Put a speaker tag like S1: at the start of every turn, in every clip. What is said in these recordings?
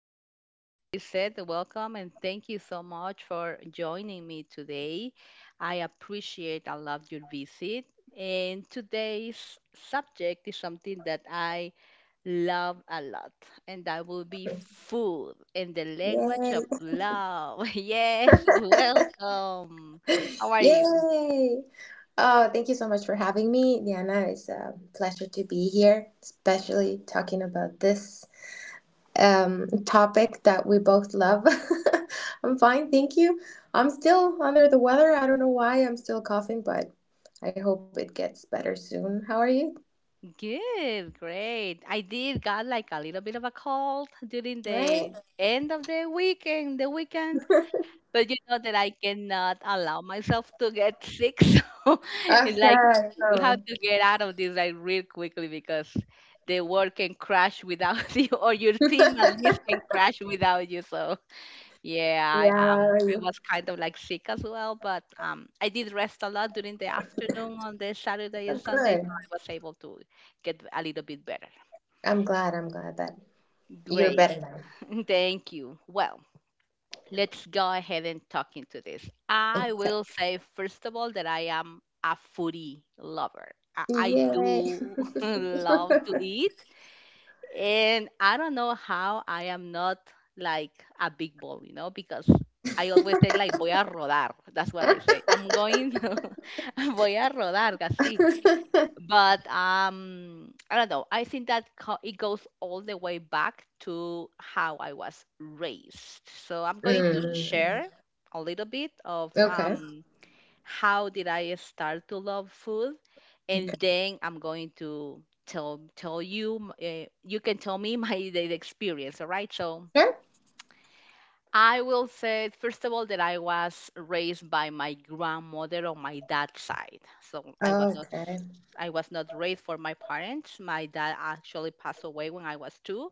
S1: podcast. Hello, Lisette. Welcome, and thank you so much for joining me today. I appreciate, I love your visit. And today's subject is something that I love a lot, and that will be food and the language
S2: Yay!
S1: of love. Yes, welcome. How are you?
S2: Yay! Oh, thank you so much for having me, Diana. It's a pleasure to be here, especially talking about this topic that we both love. I'm fine, thank you. I'm still under the weather. I don't know why I'm still coughing, but I hope it gets better soon. How are you?
S1: Good, great. I did got like a little bit of a cold during
S2: Right?
S1: the end of the weekend, but you know that I cannot allow myself to get sick. So it's like
S2: I
S1: you have
S2: know.
S1: to get out of this like real quickly, because the world can crash without you, or your
S2: Yeah,
S1: team at least can crash without you. So
S2: how
S1: yeah,
S2: are
S1: I
S2: you?
S1: was kind of like sick as well, but I did rest a lot during the afternoon on the Saturday
S2: I'm
S1: and Sunday, so
S2: good.
S1: I was able to get a little bit better.
S2: I'm glad. I'm glad that you're
S1: Great,
S2: better now.
S1: thank you. Well, let's go ahead and talk into this. I will say first of all that I am a foodie lover. I
S2: Yay.
S1: do love to eat, and I don't know how I am not like a big ball, you know, because I always say like voy a rodar. That's what I say. I'm going voy a rodar, casi. But I don't know. I think that it goes all the way back to how I was raised. So I'm going to
S2: Mm,
S1: share a little bit of
S2: okay.
S1: how did I start to love food,
S2: Okay.
S1: and then I'm going to tell you. You can tell me my the experience. All right, so.
S2: Sure.
S1: I will say, first of all, that I was raised by my grandmother on my dad's side. So
S2: Okay.
S1: I was not raised for my parents. My dad actually passed away when I was two,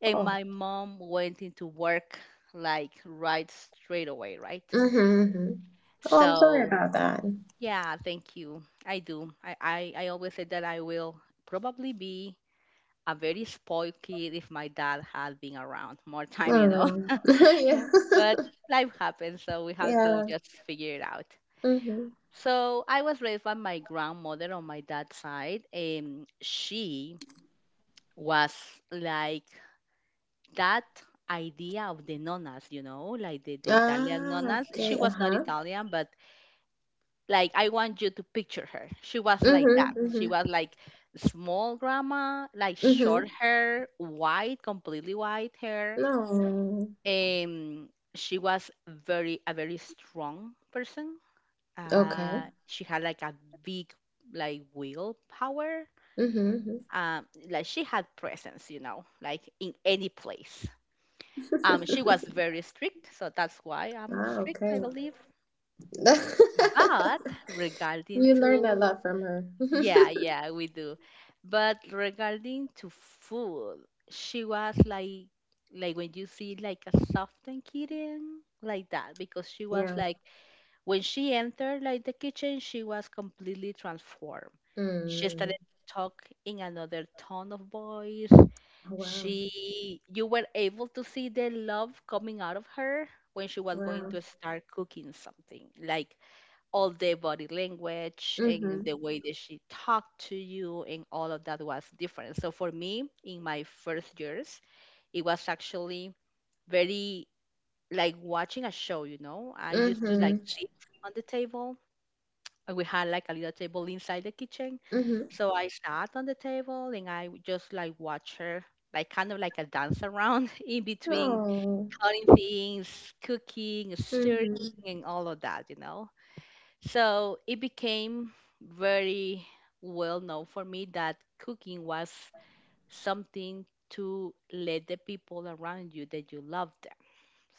S1: and
S2: Oh.
S1: my mom went into work like right straight away, right?
S2: Mm-hmm, mm-hmm. Oh, I'm sorry
S1: So
S2: about that.
S1: yeah, thank you. I do. I always said that I will probably be a very spoiled kid if my dad had been around more time, you know.
S2: Oh.
S1: Yeah,
S2: Yeah.
S1: but life happens, so we have to
S2: Yeah.
S1: just figure it out.
S2: Mm-hmm.
S1: So I was raised by my grandmother on my dad's side. She was like that idea of the nonnas, you know, like the Italian
S2: Ah,
S1: nonnas. She
S2: okay.
S1: was not
S2: Uh-huh.
S1: Italian, but like I want you to picture her. She was like that.
S2: Mm-hmm.
S1: She
S2: Mm-hmm.
S1: was like small grandma, like short
S2: Mm-hmm.
S1: hair, white, completely white hair.
S2: No.
S1: Um, she was very a very strong person.
S2: Okay.
S1: She had like a big like willpower.
S2: Mm-hmm. Mm-hmm.
S1: Like she had presence, you know, like in any place. She was very strict, so that's why I'm
S2: Ah,
S1: strict, I
S2: okay.
S1: believe. But regarding
S2: You learned a
S1: to
S2: lot from her.
S1: yeah, yeah, we do. But regarding to food, she was like when you see like a softened kitten like that, because she was
S2: Yeah.
S1: like when she entered like the kitchen, she was completely transformed. She started
S2: Mm.
S1: to talk in another tone of voice.
S2: Oh, wow.
S1: She you were able to see the love coming out of her when she was going
S2: Wow.
S1: to start cooking something. Like all their body language and the
S2: Mhm.
S1: way that she talked to you and all of that was different. So for me, in my first years, it was actually very like watching a show, you know. I used to like
S2: Mhm.
S1: sit on the table, and we had like a little table inside the kitchen.
S2: Mhm.
S1: So I sat on the table and I would just like watch her like kind of like a dance around in between
S2: Oh.
S1: cutting things, cooking, stirring
S2: Mhm.
S1: and all of that, you know. So it became very well known for me that cooking was something to let the people around you that you love them.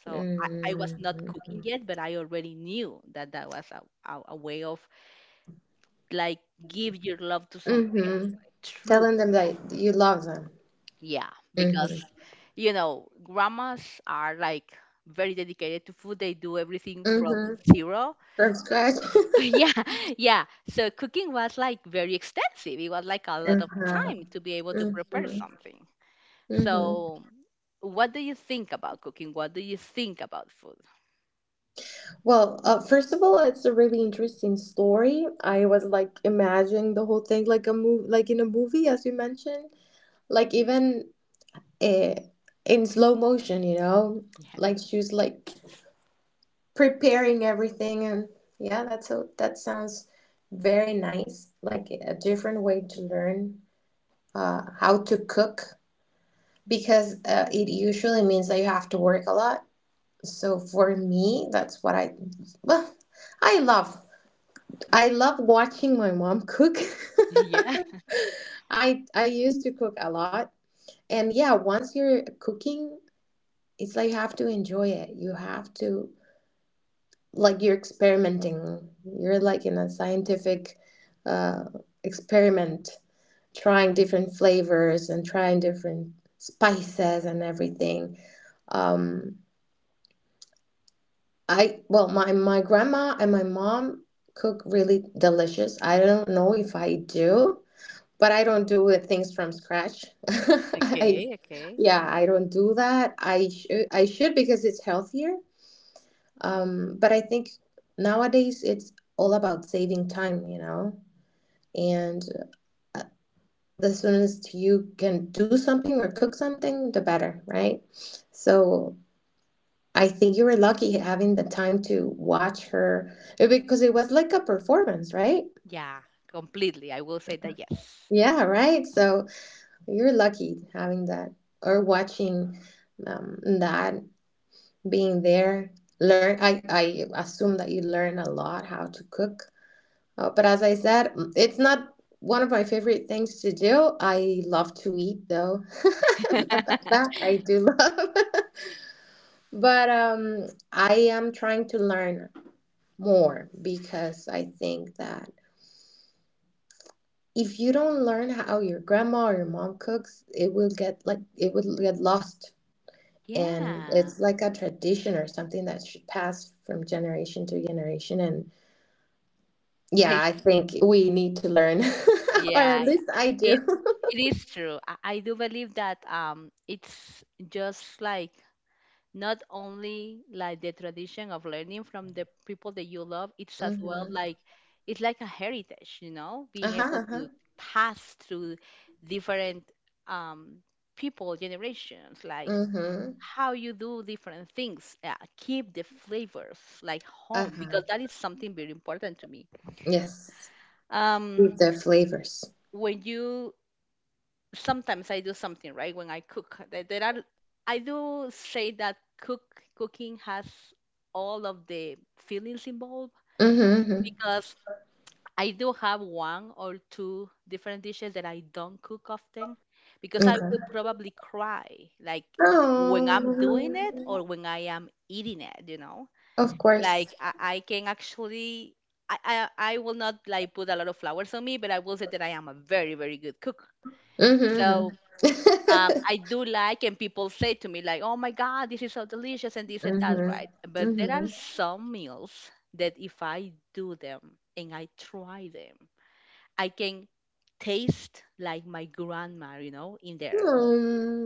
S1: So I was not
S2: Mhm.
S1: cooking yet, but I already knew that that was a way of like give your love to somebody
S2: Mhm.
S1: else. True.
S2: Telling them that you love them.
S1: Yeah, because
S2: Mhm.
S1: you know, grandmas are like very dedicated to food. They do everything from
S2: Mhm.
S1: zero.
S2: From
S1: So,
S2: scratch.
S1: yeah, yeah, so cooking was like very extensive. It was like a lot of
S2: Uh-huh.
S1: time to be able to prepare
S2: Mhm.
S1: something.
S2: Mhm.
S1: So what do you think about cooking? What do you think about food?
S2: Well, first of all, it's a really interesting story. I was like imagining the whole thing like a move, like in a movie, as you mentioned, like even uh, in slow motion, you know,
S1: Yeah,
S2: like she was like preparing everything. And yeah, that sounds very nice, like a different way to learn how to cook, because it usually means that you have to work a lot. So for me, that's what I well I love. I love watching my mom cook.
S1: yeah,
S2: I used to cook a lot, and yeah, once you're cooking, it's like you have to enjoy it. You have to, like, you're experimenting, you're like in a scientific uh, experiment, trying different flavors and trying different spices and everything. um, I well my grandma and my mom cook really delicious. I don't know if I do, but I don't things from scratch. I
S1: okay, okay,
S2: yeah, I don't do that. I should. I should, because it's healthier. But I think nowadays it's all about saving time, you know? And uh, the soonest you can do something or cook something, the better, right? So I think you were lucky having the time to watch her, because it was like a performance, right?
S1: yeah, completely. I will say that yes,
S2: Yeah, right. So you're lucky having that or watching that, being there. Learn. I assume that you learn a lot, how to cook. But as I said, it's not one of my favorite things to do. I love to eat, though. That, that I do love. But I am trying to learn more, because I think that if you don't learn how your grandma or your mom cooks, it will get like it will get lost. And
S1: yeah,
S2: it's like a tradition or something that should pass from generation to generation. And
S1: I
S2: yeah, I think we need to learn, or at
S1: yeah, yeah.
S2: least I
S1: it
S2: do.
S1: it is true. I do believe that it's just like not only like the tradition of learning from the people that you love, it's as well
S2: Hmm.
S1: like it's like a heritage, you know, being
S2: Uh-huh,
S1: able
S2: uh-huh.
S1: to pass through different um, people generations, like
S2: Mhm.
S1: how you do different things, keep the flavors like home,
S2: Uh-huh.
S1: because that is something very important to me.
S2: Yes.
S1: um,
S2: With their flavors.
S1: when you sometimes I do something right when I cook, there are I do say that cooking has all of the feelings involved,
S2: Mhm,
S1: because I do have one or two different dishes that I don't cook often because
S2: mhm.
S1: I will
S2: Okay.
S1: probably cry like when I'm doing it or
S2: Oh.
S1: when I am eating it, you know.
S2: Of course.
S1: Like I can actually I will not like put a lot of flowers on me, but I will say that I am a very, very good cook.
S2: Mhm, mhm.
S1: So I do like, and people say to me like, "Oh my God, this is so delicious," and this and that,
S2: Mhm.
S1: right? But there are
S2: Mhm.
S1: some meals that if I do them and I try them, I can taste like my grandma, you know, in there.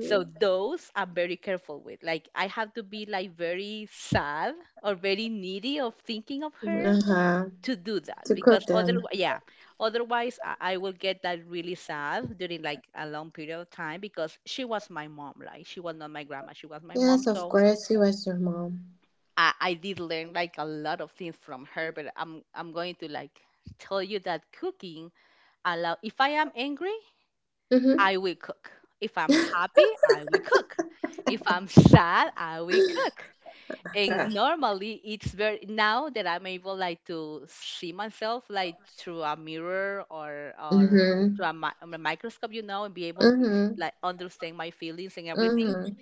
S1: So those I'm very careful with. Like I have to be like very sad or very needy of thinking of her
S2: Uh-huh.
S1: to do
S2: To
S1: that,
S2: cook
S1: because other
S2: them.
S1: yeah, otherwise I will get that really sad during like a long period of time, because she was my mom. Like she was not my grandma, she was my mom.
S2: Yes, of
S1: So
S2: course. You as your mom.
S1: I did learn like a lot of things from her. But I'm going to like tell you that cooking allow if I am angry
S2: Mhm.
S1: I will cook, if I'm happy I will cook, if I'm sad I will cook.
S2: Okay.
S1: And normally it's very now that I'm able like to see myself like through a mirror or through
S2: Mhm.
S1: a, a microscope, you know, and be able to
S2: Mhm.
S1: like understand my feelings and everything,
S2: Mhm.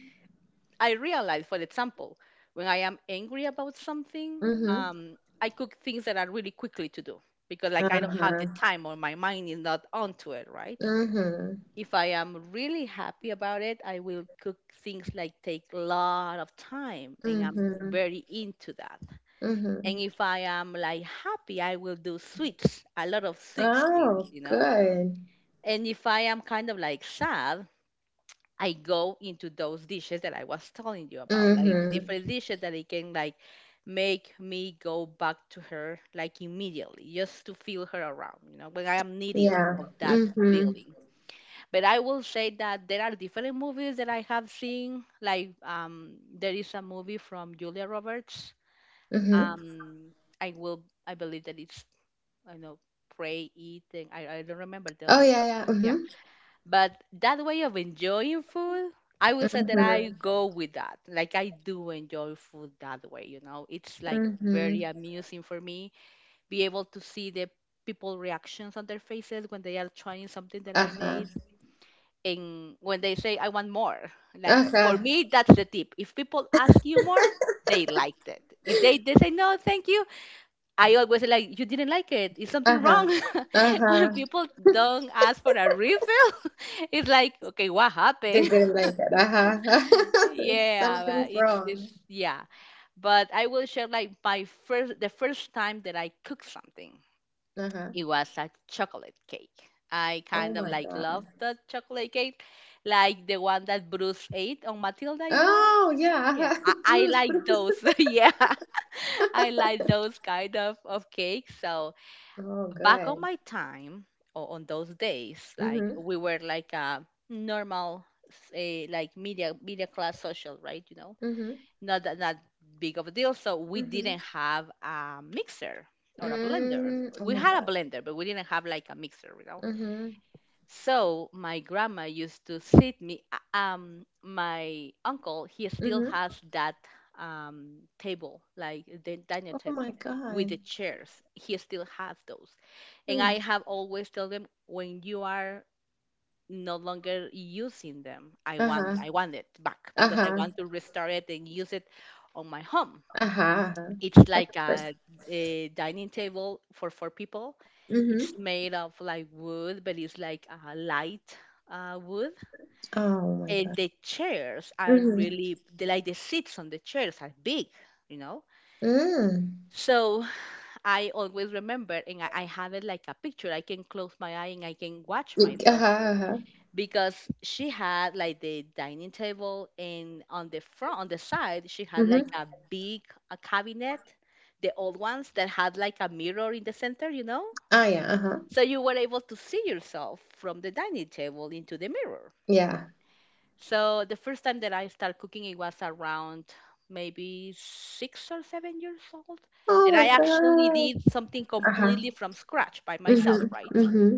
S1: I realize for example when I am angry about something,
S2: Mhm.
S1: I cook things that are really quickly to do, because like I don't have the
S2: Uh-huh.
S1: time or my mind is not onto it, right?
S2: Mhm.
S1: If I am really happy about it, I will cook things like take a lot of time and I'm
S2: Mhm.
S1: very into that.
S2: Mhm.
S1: And if I am like happy, I will do sweets, a lot of sweet things,
S2: Oh,
S1: you know.
S2: good.
S1: And if I am kind of like sad, I go into those dishes that I was telling you about, like
S2: Mm-hmm.
S1: different dishes that it can like make me go back to her like immediately, just to feel her around, you know, when I am needy
S2: Yeah.
S1: of that
S2: Mm-hmm.
S1: feeling. But I will say that there are different movies that I have seen. Like there is a movie from Julia Roberts.
S2: Mm-hmm.
S1: Um, I will, I believe that it's I know, pray, eating. I don't remember the
S2: Oh
S1: other
S2: yeah,
S1: part.
S2: yeah.
S1: Yeah.
S2: Mm-hmm.
S1: But that way of enjoying food, I will say that I
S2: Mm-hmm.
S1: go with that. Like I do enjoy food that way, you know. It's like very
S2: Mm-hmm.
S1: amusing for me. Be able to see the people reactions on their faces when they are trying something that I
S2: Uh-huh.
S1: made and when they say I want more. Like for
S2: Uh-huh.
S1: me that's the tip. If people ask you more, they liked it. If they, they say no, thank you, I always like you didn't like it. Is something
S2: Uh-huh.
S1: wrong?
S2: Uh-huh.
S1: When people don't ask for a refill, it's like, okay, what
S2: They
S1: happened?
S2: didn't like it. Uh-huh.
S1: Yeah, but
S2: Something's wrong.
S1: it's yeah. But I will share like my first the first time that I cooked something.
S2: Uh-huh.
S1: It was a chocolate cake. I
S2: Oh
S1: kind of
S2: my
S1: like
S2: God.
S1: love the chocolate cake, like the one that Bruce ate on Matilda, you know?
S2: Oh yeah.
S1: Yeah,
S2: Uh-huh.
S1: I
S2: Bruce. What
S1: like
S2: was
S1: those.
S2: it?
S1: Yeah, I like those kind of cakes. So
S2: Oh,
S1: back on
S2: good.
S1: my time or on those days, like
S2: Mm-hmm.
S1: we were like a normal say like media class social, right, you know,
S2: Mm-hmm.
S1: not that not big of a deal. So we didn't
S2: Mm-hmm.
S1: have a mixer or a blender.
S2: Mm. Oh
S1: We
S2: my
S1: had a
S2: God.
S1: blender, but we didn't have like a mixer, you know.
S2: Mm-hmm.
S1: So my grandma used to sit me. My uncle he still
S2: Mm-hmm.
S1: has that table, like the dining
S2: Oh my
S1: table with
S2: God.
S1: the chairs. He still has those, and
S2: Mm.
S1: I have always told them when you are no longer using them,
S2: Uh-huh.
S1: I want it back because I
S2: Uh-huh.
S1: want to restore it and use it on my home.
S2: Uh-huh. Uh-huh.
S1: It's
S2: That's
S1: like
S2: the first.
S1: a dining table for four people.
S2: Mm-hmm.
S1: It's made of like wood, but it's like a light wood.
S2: Oh my God.
S1: And the chairs are
S2: Mm-hmm.
S1: really, like the seats on the chairs are big, you know?
S2: Mm.
S1: So I always remember, and I have it like a picture. I can close my eye and I can watch myself,
S2: Uh-huh, uh-huh.
S1: because she had like the dining table, and on the front, on the side, she had like
S2: Mm-hmm.
S1: a big a cabinet, the old ones that had like a mirror in the center, you know,
S2: Ah, yeah, uh-huh.
S1: so you were able to see yourself from the dining table into the mirror.
S2: Yeah.
S1: So the first time that I started cooking, it was around maybe 6 or 7 years old
S2: Oh
S1: that
S2: my
S1: I actually
S2: God.
S1: did something
S2: Uh-huh.
S1: completely from scratch by myself,
S2: Mm-hmm.
S1: right?
S2: Mm-hmm.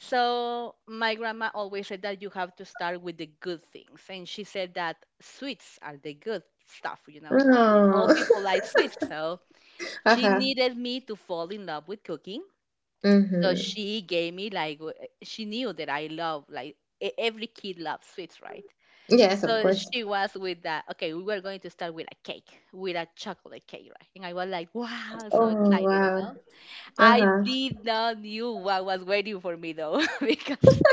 S1: So my grandma always said that you have to start with the good things, and she said that sweets are the good stuff. You know, all
S2: Oh.
S1: people like sweets, so she
S2: Uh-huh.
S1: needed me to fall in love with cooking. So
S2: Mm-hmm.
S1: she gave me like she knew that I love like every kid loves sweets, right?
S2: Yes, of
S1: So
S2: course.
S1: she was with that. Okay, we were going to start with a cake, with a chocolate cake, right? And I was like, wow, so
S2: Oh,
S1: excited, you
S2: wow.
S1: know. I
S2: Uh-huh.
S1: did not knew what was waiting for me though, because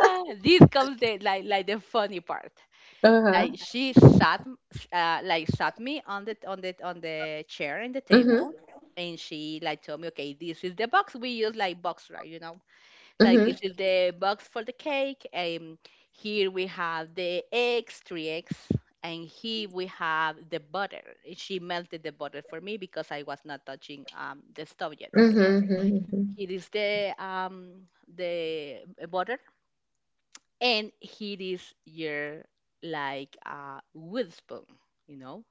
S1: this comes the funny part. Like
S2: Uh-huh.
S1: she sat like sat me on the chair and the
S2: Mm-hmm.
S1: table, and she like told me, okay, this is the box we use like box, right? You know, it's like this
S2: Mm-hmm.
S1: is the box for the cake. And here we have the eggs, three eggs. And here we have the butter. She melted the butter for me because I was not touching the stove yet, right?
S2: Mm-hmm. Mm-hmm.
S1: Here is the butter, and here is your like wood spoon, you know.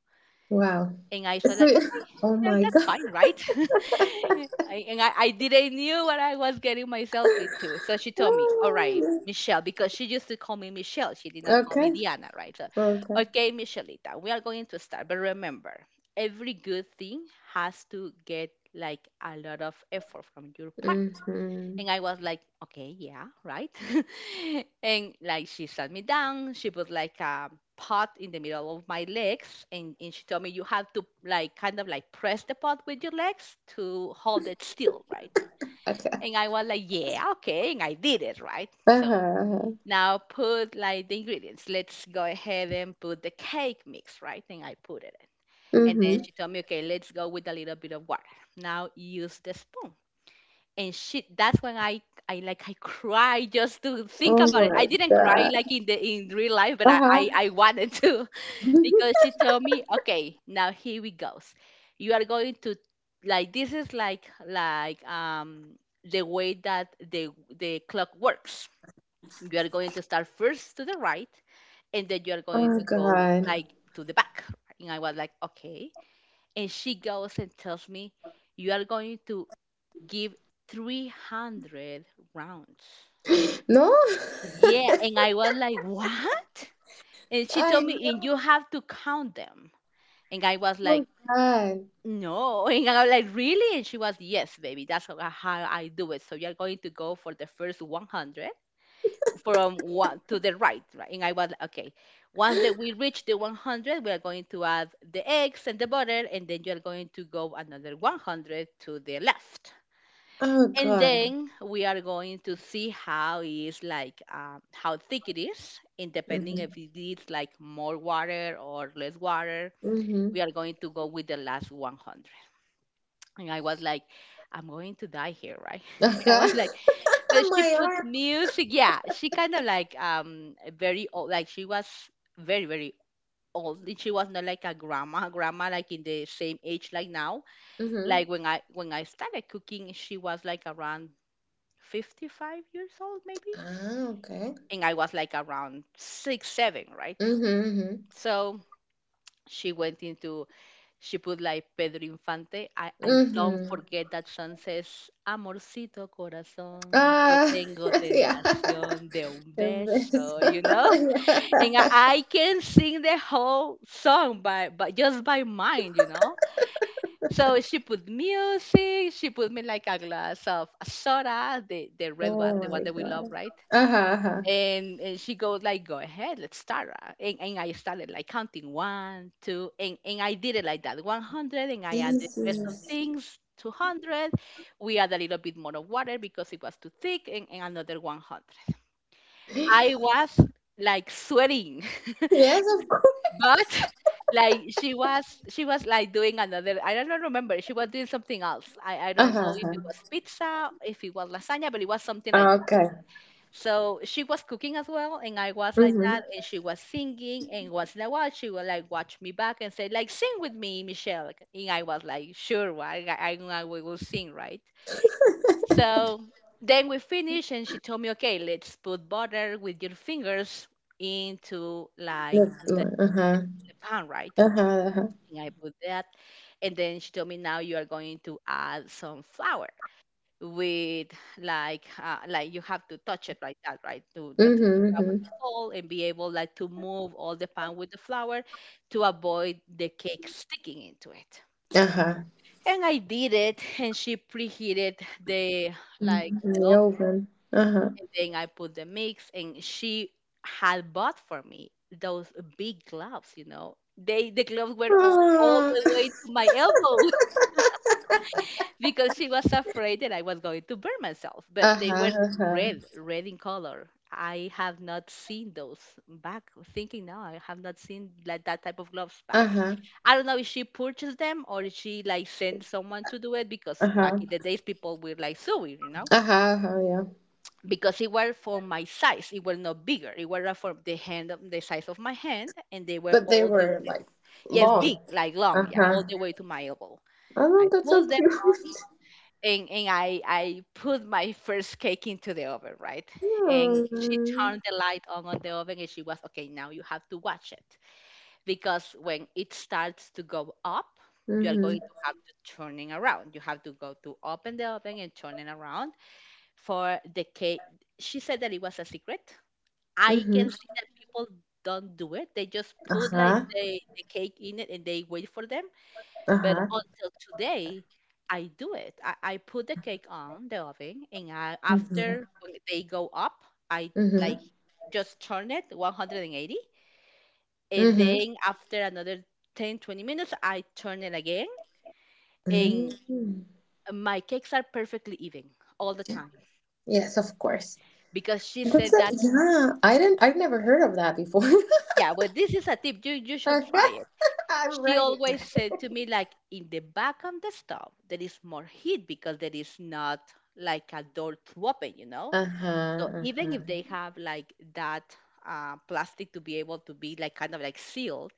S2: Wow.
S1: And I said
S2: So,
S1: like, okay,
S2: oh
S1: yeah,
S2: my God.
S1: that's fine, right? And I didn't knew what I was getting myself into. So she told me, all right,
S2: Oh,
S1: Michelle, because she used to call me Michelle. She did not call me
S2: okay.
S1: Diana, right? So,
S2: Okay.
S1: okay, Michelita, we are going to start. But remember, every good thing has to get like a lot of effort from your part.
S2: Mm-hmm.
S1: And I was like, okay, yeah, right. And like she sat me down, she put like a pot in the middle of my legs, and she told me you have to like kind of like press the pot with your legs to hold it still, right?
S2: Okay.
S1: And I was like, yeah, okay, and I did it, right? So
S2: Uh-huh. Uh-huh.
S1: now put like the ingredients. Let's go ahead and put the cake mix, right? And I put it in. And then
S2: Mm-hmm.
S1: she told me, okay, let's go with a little bit of water. Now use the spoon. And shit, that's when I like I cry just to think
S2: Oh
S1: about it. I
S2: my
S1: didn't cry
S2: God.
S1: like in real life, but i
S2: Uh-huh.
S1: i, I wanted to because she told me, okay, now here we goes, you are going to like this is like the way that the clock works. You are going to start first to the right, and then you are going
S2: Oh
S1: to go
S2: God.
S1: like to the back. And I was like, okay. And she goes and tells me, you are going to give 300 rounds.
S2: No?
S1: Yeah, and I was like, what? And she told me,
S2: Oh
S1: and you have to count them. And I was like,
S2: God.
S1: no. And I was like, really? And she was, yes, baby, that's how I do it. So you're going to go for the first 100 from one to the right, right? And I was like, okay. Once that we reach the 100, we are going to add the eggs and the butter, and then you're going to go another 100 to the left.
S2: Oh
S1: And
S2: God.
S1: then we are going to see how it is like how thick it is, and depending
S2: Mm-hmm.
S1: if it is like more water or less water, we are
S2: Mm-hmm.
S1: going to go with the last 100. And I was like, I'm going to die here, right? I
S2: Uh-huh.
S1: was like, but she
S2: My
S1: put
S2: arm.
S1: music. Yeah, she kind of like very old, like, she was very very old. She was not like a grandma grandma, like in the same age like now, like
S2: Mm-hmm.
S1: when I started cooking, she was like around 55 years old maybe,
S2: Ah, okay.
S1: and I was like around 6, 7, right?
S2: Mm-hmm. Mm-hmm.
S1: So she went into, she put like Pedro Infante. I don't
S2: Mm-hmm.
S1: forget that song. Says, amorcito corazón, yo
S2: Ah,
S1: tengo
S2: yeah.
S1: tentación de un
S2: Embarrassed.
S1: beso, you know. and i,
S2: Yeah.
S1: I can sing the whole song by, but just by mind, you know. So she put music, she put me like a glass of soda, the red
S2: Oh
S1: one, the one
S2: my
S1: that we love,
S2: God.
S1: right?
S2: Uh-huh. Uh-huh.
S1: And she goes like, "Go ahead, let's start." And I started like counting one, two, and I did it like that, 100, and I added rest
S2: Jesus.
S1: of things, 200. We add a little bit more of water because it was too thick, and another 100. I was like sweating,
S2: Yes, of course.
S1: but like she was like doing another. I don't remember. She was doing something else. I don't
S2: Uh-huh.
S1: know if it
S2: Uh-huh.
S1: was pizza, if it was lasagna, but it was something like.
S2: Ah, okay.
S1: So she was cooking as well, and I was like
S2: Mm-hmm.
S1: that, and she was singing, and was like what she would like watch me back and say like, sing with me, Michelle, like, and I was like, sure, why I we will sing, right. So then we finished, and she told me, okay, let's put butter with your fingers into like
S2: That's
S1: the,
S2: more. Uh-huh.
S1: the pan, right?
S2: Uh-huh. Uh-huh.
S1: And I put that, and then she told me, now you are going to add some flour with like you have to touch it like that, right? To let the
S2: Uhum,
S1: flower
S2: uhum.
S1: to fall and be able like to move all the pan with the flour to avoid the cake sticking into it.
S2: Aham.
S1: And I did it, and she preheated the like the
S2: Uhum, eu
S1: oven,
S2: ouvindo. Aham.
S1: and then I put the mix, and she had bought for me those big gloves, you know. The gloves were all
S2: Ah.
S1: the way to my elbow, because she was afraid that I was going to burn myself. But they were
S2: Aham, aham.
S1: red, red in color. I have not seen those back. Thinking now, I have not seen like that type of gloves back.
S2: Aham,
S1: I don't know if she purchased them or if she like sent someone to do it, because back
S2: aham.
S1: in the days people were like sewing, you know,
S2: Aham, aham, yeah.
S1: because it were for my size. It were not bigger. It were for the hand, the size of my hand, and they were
S2: But they
S1: all the
S2: were like
S1: yes
S2: long.
S1: big, like long, yeah,
S2: Uh-huh.
S1: all the way to my elbow.
S2: Oh,
S1: I
S2: that's so
S1: put them,
S2: cute.
S1: and I put my first cake into the oven, right? And she
S2: Yeah.
S1: turned the light on the oven, and she was, okay, now you have to watch it, because when it starts to go up, you are
S2: Mm-hmm.
S1: going to have to turning around. You have to go to open the oven and turning around for the cake. She said that it was a secret. I
S2: Mm-hmm.
S1: can see that people don't do it. They just put like
S2: Uh-huh.
S1: the cake in it and they wait for them. But
S2: Uh-huh.
S1: until today, I do it. I put the cake on the oven, and I,
S2: Mm-hmm.
S1: after when they go up, I like
S2: Mm-hmm.
S1: just turn it 180. And
S2: Mm-hmm.
S1: then after another 10, 20 minutes, I turn it again. And
S2: Mm-hmm.
S1: my cakes are perfectly even all the time,
S2: Yes, of course.
S1: because she
S2: That's
S1: said
S2: it.
S1: that,
S2: Yeah. I've never heard of that before.
S1: yeah, well, this is a tip. You should try it.
S2: I'm
S1: She
S2: writing.
S1: always said to me, like, in the back of the stove, there is more heat because there is not like a door to open, you know? So
S2: Uh-huh,
S1: even
S2: uh-huh.
S1: if they have like that plastic to be able to be like kind of like sealed,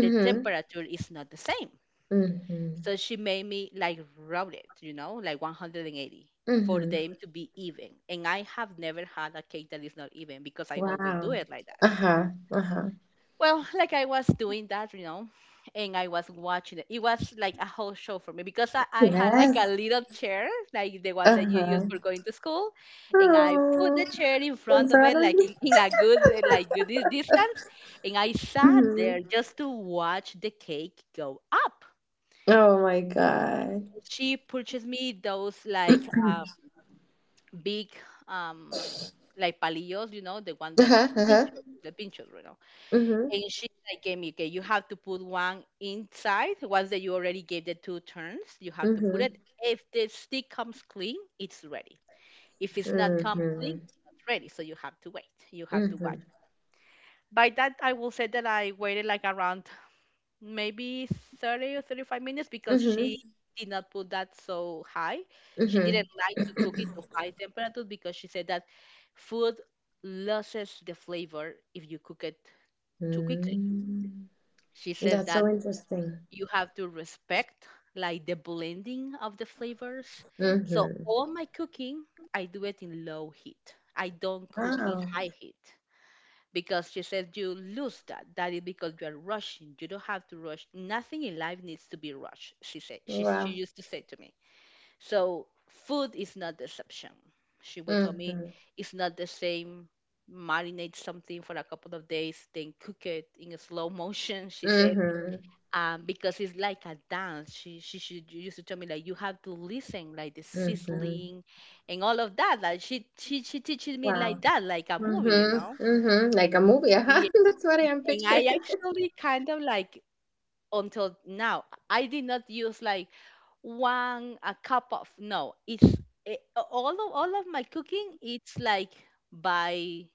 S1: the temperature is not the same.
S2: mhm,
S1: So she made me like route it, you know, like 180 for
S2: mhm.
S1: them to be even. And I have never had a cake that is not even because I always do
S2: Wow.
S1: it like that.
S2: Uh-huh, uh-huh.
S1: Well, like I was doing that, you know, and I was watching it. It was like a whole show for me because I had like
S2: Yes.
S1: a little chair, like the one that you use
S2: Uh-huh.
S1: for going to school, and I put
S2: Oh,
S1: the chair in
S2: in
S1: front of it,
S2: front of
S1: like
S2: me?
S1: in a good like good distance, and I sat there
S2: Mhm.
S1: just to watch the cake go up.
S2: Oh my God.
S1: She purchased me those like big um like palillos, you know, the one that
S2: Uh-huh, uh-huh.
S1: the pinchos, you know.
S2: Mhm,
S1: And she's like, gave me, okay, you have to put one inside. Once that you already gave the two turns, you have to put it.
S2: mhm,
S1: If the stick comes clean, it's ready. If it's not come clean,
S2: mhm,
S1: it's not ready. So you have to wait. You have to watch.
S2: mhm,
S1: By that, I will say that I waited like around maybe 30 or 35 minutes because she
S2: mhm,
S1: did not put that so high. She didn't
S2: mhm.
S1: like to cook it to high temperatures because she said that food loses the flavor if you cook it too quickly.
S2: Mm.
S1: She
S2: That's
S1: says
S2: so
S1: that
S2: interesting.
S1: you have to respect like the blending of the flavors. So
S2: Mhm.
S1: all my cooking, I do it in low heat. I don't cook in
S2: Wow.
S1: high heat because she said you lose that. That is because you are rushing. You don't have to rush. Nothing in life needs to be rushed, she said. She
S2: Wow.
S1: used to say to me. So food is not the exception. She would tell me
S2: Mhm,
S1: it's not the same. Marinate something for a couple of days, then cook it in a slow motion. She said
S2: mhm,
S1: because it's like a dance. She used to tell me like you have to listen, like the
S2: mhm.
S1: sizzling, and all of that. Like she teaches me
S2: Wow.
S1: like that, like a movie, you know.
S2: Mm-hmm. Mm-hmm. Like a movie, huh?
S1: Yeah.
S2: That's what I
S1: And,
S2: am
S1: and I
S2: picturing.
S1: actually kind of like until now I did not use like one a cup of no. It's all of my cooking. It's like by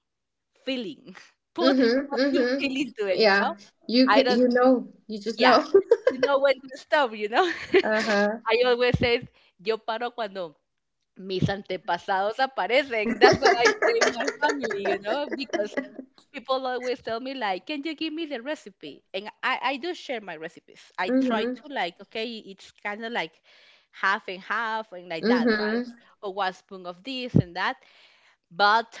S1: feeling. Put
S2: Mm-hmm.
S1: what you feel
S2: Mm-hmm.
S1: into it, you know.
S2: Yeah. You
S1: I
S2: can,
S1: don't.
S2: you know, you just
S1: Yeah,
S2: know.
S1: you know when to stop, you know.
S2: Uh-huh.
S1: I always say, yo paro cuando mis antepasados aparecen. That's what I say in my family, you know, because people always tell me like, can you give me the recipe? And I do share my recipes. I try
S2: Mm-hmm.
S1: to like, okay, it's kind of like half and half and like that, right?
S2: Mm-hmm.
S1: Or one spoon of this and that. But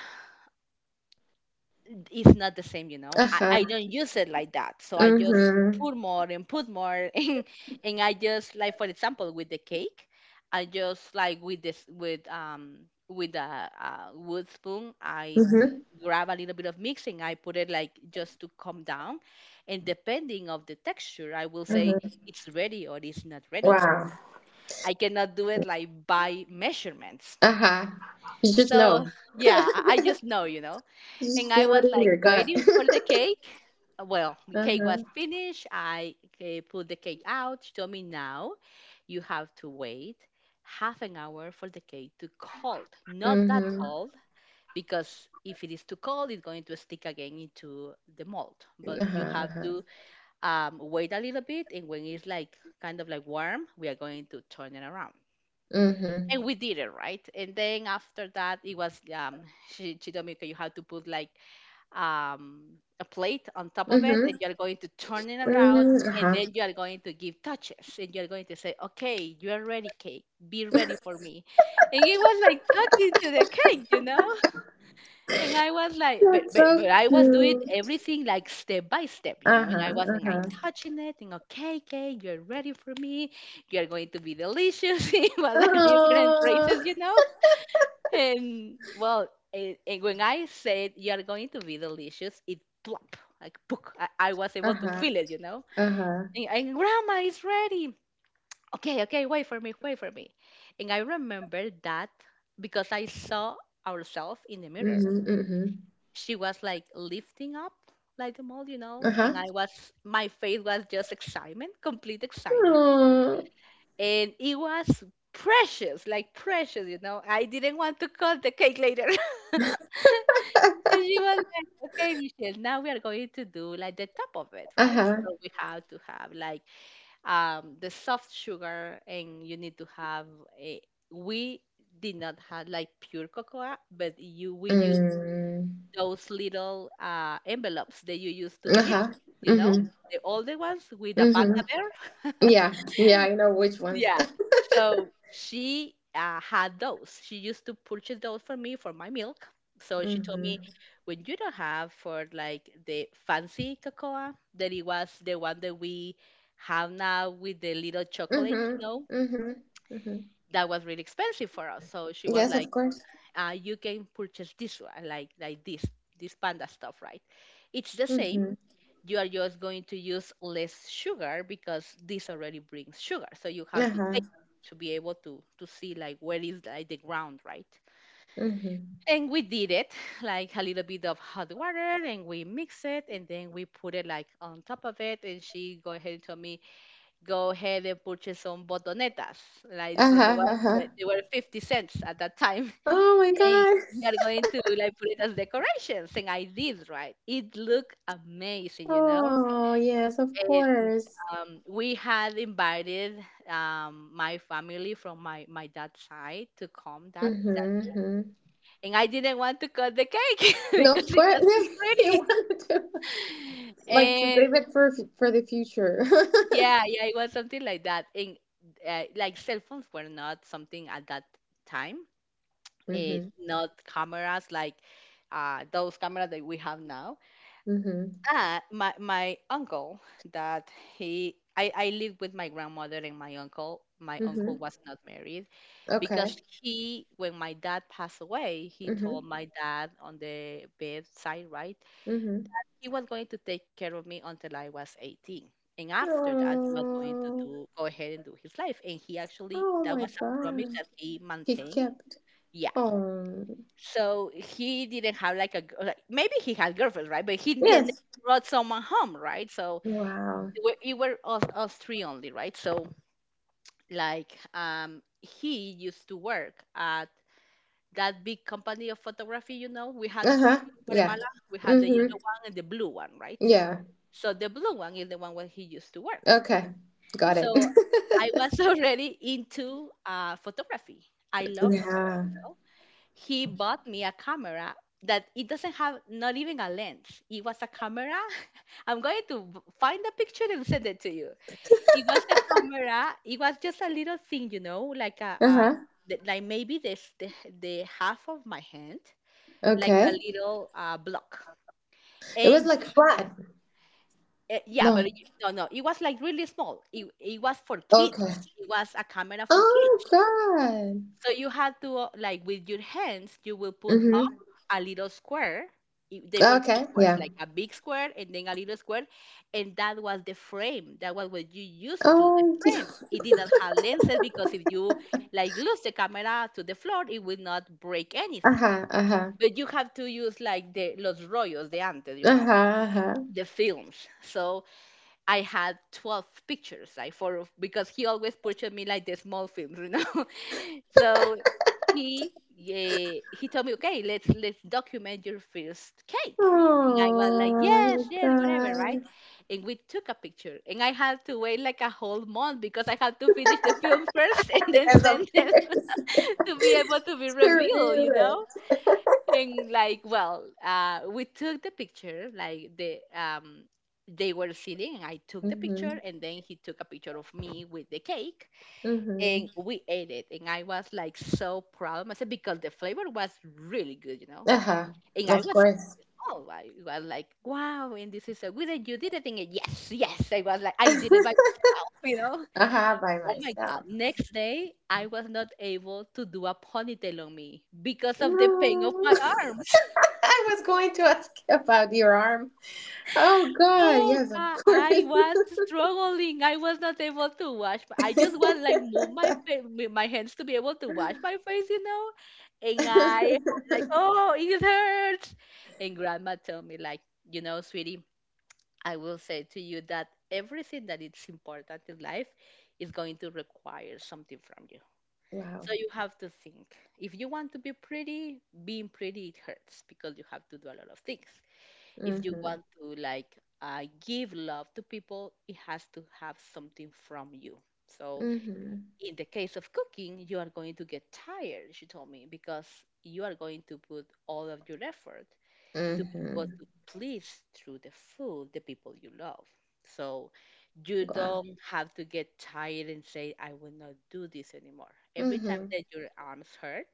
S1: it's not the same, you know. I
S2: Uh-huh.
S1: don't use it like that. So I just
S2: Mm-hmm.
S1: put more and put more and I just like, for example, with the cake, I just like with this with a wood spoon, I
S2: Mm-hmm.
S1: grab a little bit of mixing. I put it like just to come down, and depending of the texture I will say
S2: Mm-hmm.
S1: it's ready or it's not ready.
S2: Wow.
S1: I cannot do it like by measurements.
S2: Uh-huh. You just
S1: So
S2: know.
S1: yeah, I just know, you know.
S2: You
S1: And
S2: just
S1: I
S2: feel
S1: was
S2: it in your
S1: like
S2: gut.
S1: waiting for the cake. Well, the cake
S2: Uh-huh.
S1: was finished. I put the cake out. She told me now you have to wait half an hour for the cake to cold. Not that
S2: Mm-hmm.
S1: cold, because if it is too cold, it's going to stick again into the mold. But you
S2: Uh-huh.
S1: have
S2: Uh-huh.
S1: to wait a little bit, and when it's like kind of like warm, we are going to turn it around.
S2: Mm-hmm.
S1: And we did it right. And then after that, it was she told me okay, you have to put like a plate on top of it,
S2: Mm-hmm.
S1: and you're going to turn it around,
S2: Mm-hmm.
S1: and
S2: Uh-huh.
S1: then you are going to give touches, and you're going to say okay, you are ready cake, be ready for me. And he was like talking to the cake, you know. And I was like, but
S2: That's
S1: but, but
S2: so
S1: I was doing
S2: cute.
S1: everything like step by step, you know. And I
S2: Uh-huh,
S1: was like, "I
S2: uh-huh.
S1: touching it, and okay cake, you're ready for me, you're going to be delicious." It was like different
S2: Oh.
S1: phrases, you know. And well, and when I said you're going to be delicious, it plop like book. I was able to
S2: Uh-huh,
S1: feel it, you know.
S2: uh-huh.
S1: And grandma is ready. Okay, okay, wait for me, wait for me. And I remember that because I saw ourselves in the mirror.
S2: Mhm, mhm.
S1: She was like lifting up like the mold, you know,
S2: Uh-huh.
S1: and I was my face was just excitement, complete excitement.
S2: Oh.
S1: And it was precious, like precious, you know. I didn't want to cut the cake later. And she was like, okay, Michelle, now we are going to do like the top of it, right?
S2: Uh-huh.
S1: So we have to have like the soft sugar, and you need to have a. We did not have like pure cocoa, but you we use
S2: Mm.
S1: those little envelopes that you use to the milk,
S2: Uh-huh.
S1: you know,
S2: Mhm,
S1: the older ones with the panda
S2: mhm.
S1: bear.
S2: Yeah, yeah, I know which ones.
S1: Yeah. So she had those. She used to purchase those for me for my milk. So she told me
S2: Mhm,
S1: when you don't have for like the fancy cocoa, that it was the one that we have now with the little chocolate,
S2: mhm,
S1: you know,
S2: mhm, mhm.
S1: that was really expensive for us. So she
S2: Yes,
S1: was
S2: of
S1: like,
S2: course.
S1: you can purchase this one, like this, this panda stuff, right? It's the same,
S2: Mhm.
S1: you are just going to use less sugar because this already brings sugar. So you have to
S2: Uh-huh,
S1: take to be able to see like where is like the ground, right?
S2: mhm.
S1: And we did it like a little bit of hot water, and we mix it, and then we put it like on top of it. And she go ahead and told me, go ahead and purchase some botonetas, like from the
S2: Uh-huh,
S1: one
S2: uh-huh.
S1: that they were 50 cents at that time.
S2: Oh my
S1: And
S2: God.
S1: we are going to like put it as decorations. And I did, right. It looked amazing, you know.
S2: Oh, yes, of
S1: And
S2: course.
S1: we had invited my family from my dad's side to come
S2: Mm-hmm,
S1: that day.
S2: mm-hmm.
S1: And I didn't want to cut the cake
S2: No,
S1: because
S2: of
S1: it
S2: course.
S1: was too
S2: You
S1: pretty.
S2: want to, like, to
S1: And
S2: save it for the future.
S1: yeah, yeah, it was something like that. And like cell phones were not something at that time. It
S2: Mm-hmm.
S1: not cameras like those cameras that we have now.
S2: Mm-hmm.
S1: Ah, my uncle that he I lived with my grandmother and my uncle. My uncle
S2: Mm-hmm.
S1: was not married because
S2: Okay.
S1: he when my dad passed away, he told
S2: Mm-hmm.
S1: my dad on the bedside, right?
S2: Mm-hmm.
S1: He was going to take care of me until I was 18. And after that, he was going to
S2: Oh,
S1: do go ahead and do his life. And he actually
S2: oh
S1: that
S2: my
S1: was a promise
S2: God.
S1: that he
S2: He
S1: maintained.
S2: kept.
S1: Yeah.
S2: Oh.
S1: So he didn't have like a like, maybe he had girlfriends, right? But he didn't
S2: Yes.
S1: brought someone home, right? So
S2: Wow.
S1: you were of us three only, right? So like he used to work at that big company of photography, you know. We had two in
S2: Uh-huh. Yeah.
S1: Guatemala. We had the
S2: Mm-hmm.
S1: yellow one and the blue one, right?
S2: Yeah.
S1: So the blue one is the one where he used to work.
S2: Okay. Got it.
S1: So I was already into photography. I love
S2: Yeah.
S1: photography, you know. He bought me a camera that it doesn't have not even a lens. It was a camera. I'm going to find a picture and send it to you. It was a camera. It was just a little thing, you know, like a,
S2: Uh-huh.
S1: like maybe this the half of my hand, like a
S2: Okay.
S1: little block.
S2: It
S1: And
S2: was like
S1: you,
S2: flat.
S1: yeah,
S2: No.
S1: but you, no, it was like really small. It was for
S2: Okay.
S1: kids. It was a camera for
S2: Oh
S1: kids.
S2: God.
S1: So you had to, like, with your hands, you will put up
S2: Mm-hmm.
S1: a little square. They were two
S2: Okay.
S1: squares,
S2: Yeah.
S1: like a big square and then a little square. And that was the frame. That was what you used to, the
S2: Oh,
S1: frame.
S2: dear.
S1: It did not have lenses because if you, like, lose the camera to the floor, it will not break anything.
S2: Uh-huh. Uh-huh.
S1: But you have to use, like, the Los Rollos de antes, you
S2: Uh-huh,
S1: know,
S2: uh-huh.
S1: the films. So I had 12 pictures, like, for, because he always purchased me, like, the small films, you know? So he yeah, he told me, okay, let's document your first cake. And I was like,
S2: Oh my
S1: yes, yes, whatever, right?
S2: gosh.
S1: And we took a picture. And I had to wait like a whole month because I had to finish the film first and then
S2: As a
S1: send it
S2: force
S1: to be able to be
S2: to
S1: revealed,
S2: renew
S1: you know?
S2: it.
S1: And like, well, we took the picture, like, they were sitting, and I took the picture,
S2: Mm-hmm.
S1: and then he took a picture of me with the cake.
S2: Mm-hmm.
S1: And we ate it, and I was like, so proud of myself because the flavor was really good.
S2: Uh-huh.
S1: And i
S2: Of
S1: was
S2: course.
S1: oh i was like, wow, and this is so good, and you did it. And yes, yes, I was like, I did it by
S2: Uh-huh,
S1: myself, you know?
S2: by
S1: Oh my God.
S2: myself.
S1: Next day, I was not able to do a ponytail on me because of the pain of
S2: No.
S1: my arms.
S2: I was going to ask you about your arm. Oh God,
S1: Oh
S2: yes, of
S1: God,
S2: course.
S1: I was struggling. I was not able to wash. I just was like, move my face, my hands, to be able to wash my face. And I had, like, oh, it hurts. And Grandma told me, like, sweetie, I will say to you that everything that is important in life is going to require something from you.
S2: Wow.
S1: So you have to think. If you want to be pretty, being pretty, it hurts because you have to do a lot of things. If you
S2: Mm-hmm.
S1: want to, like, give love to people, it has to have something from you. So
S2: Mm-hmm.
S1: in the case of cooking, you are going to get tired, she told me, because you are going to put all of your effort to be able
S2: Mm-hmm.
S1: to please, through the food, the people you love. So you
S2: Wow.
S1: don't have to get tired and say, I will not do this anymore. Every time
S2: Mm-hmm.
S1: that your arms hurt,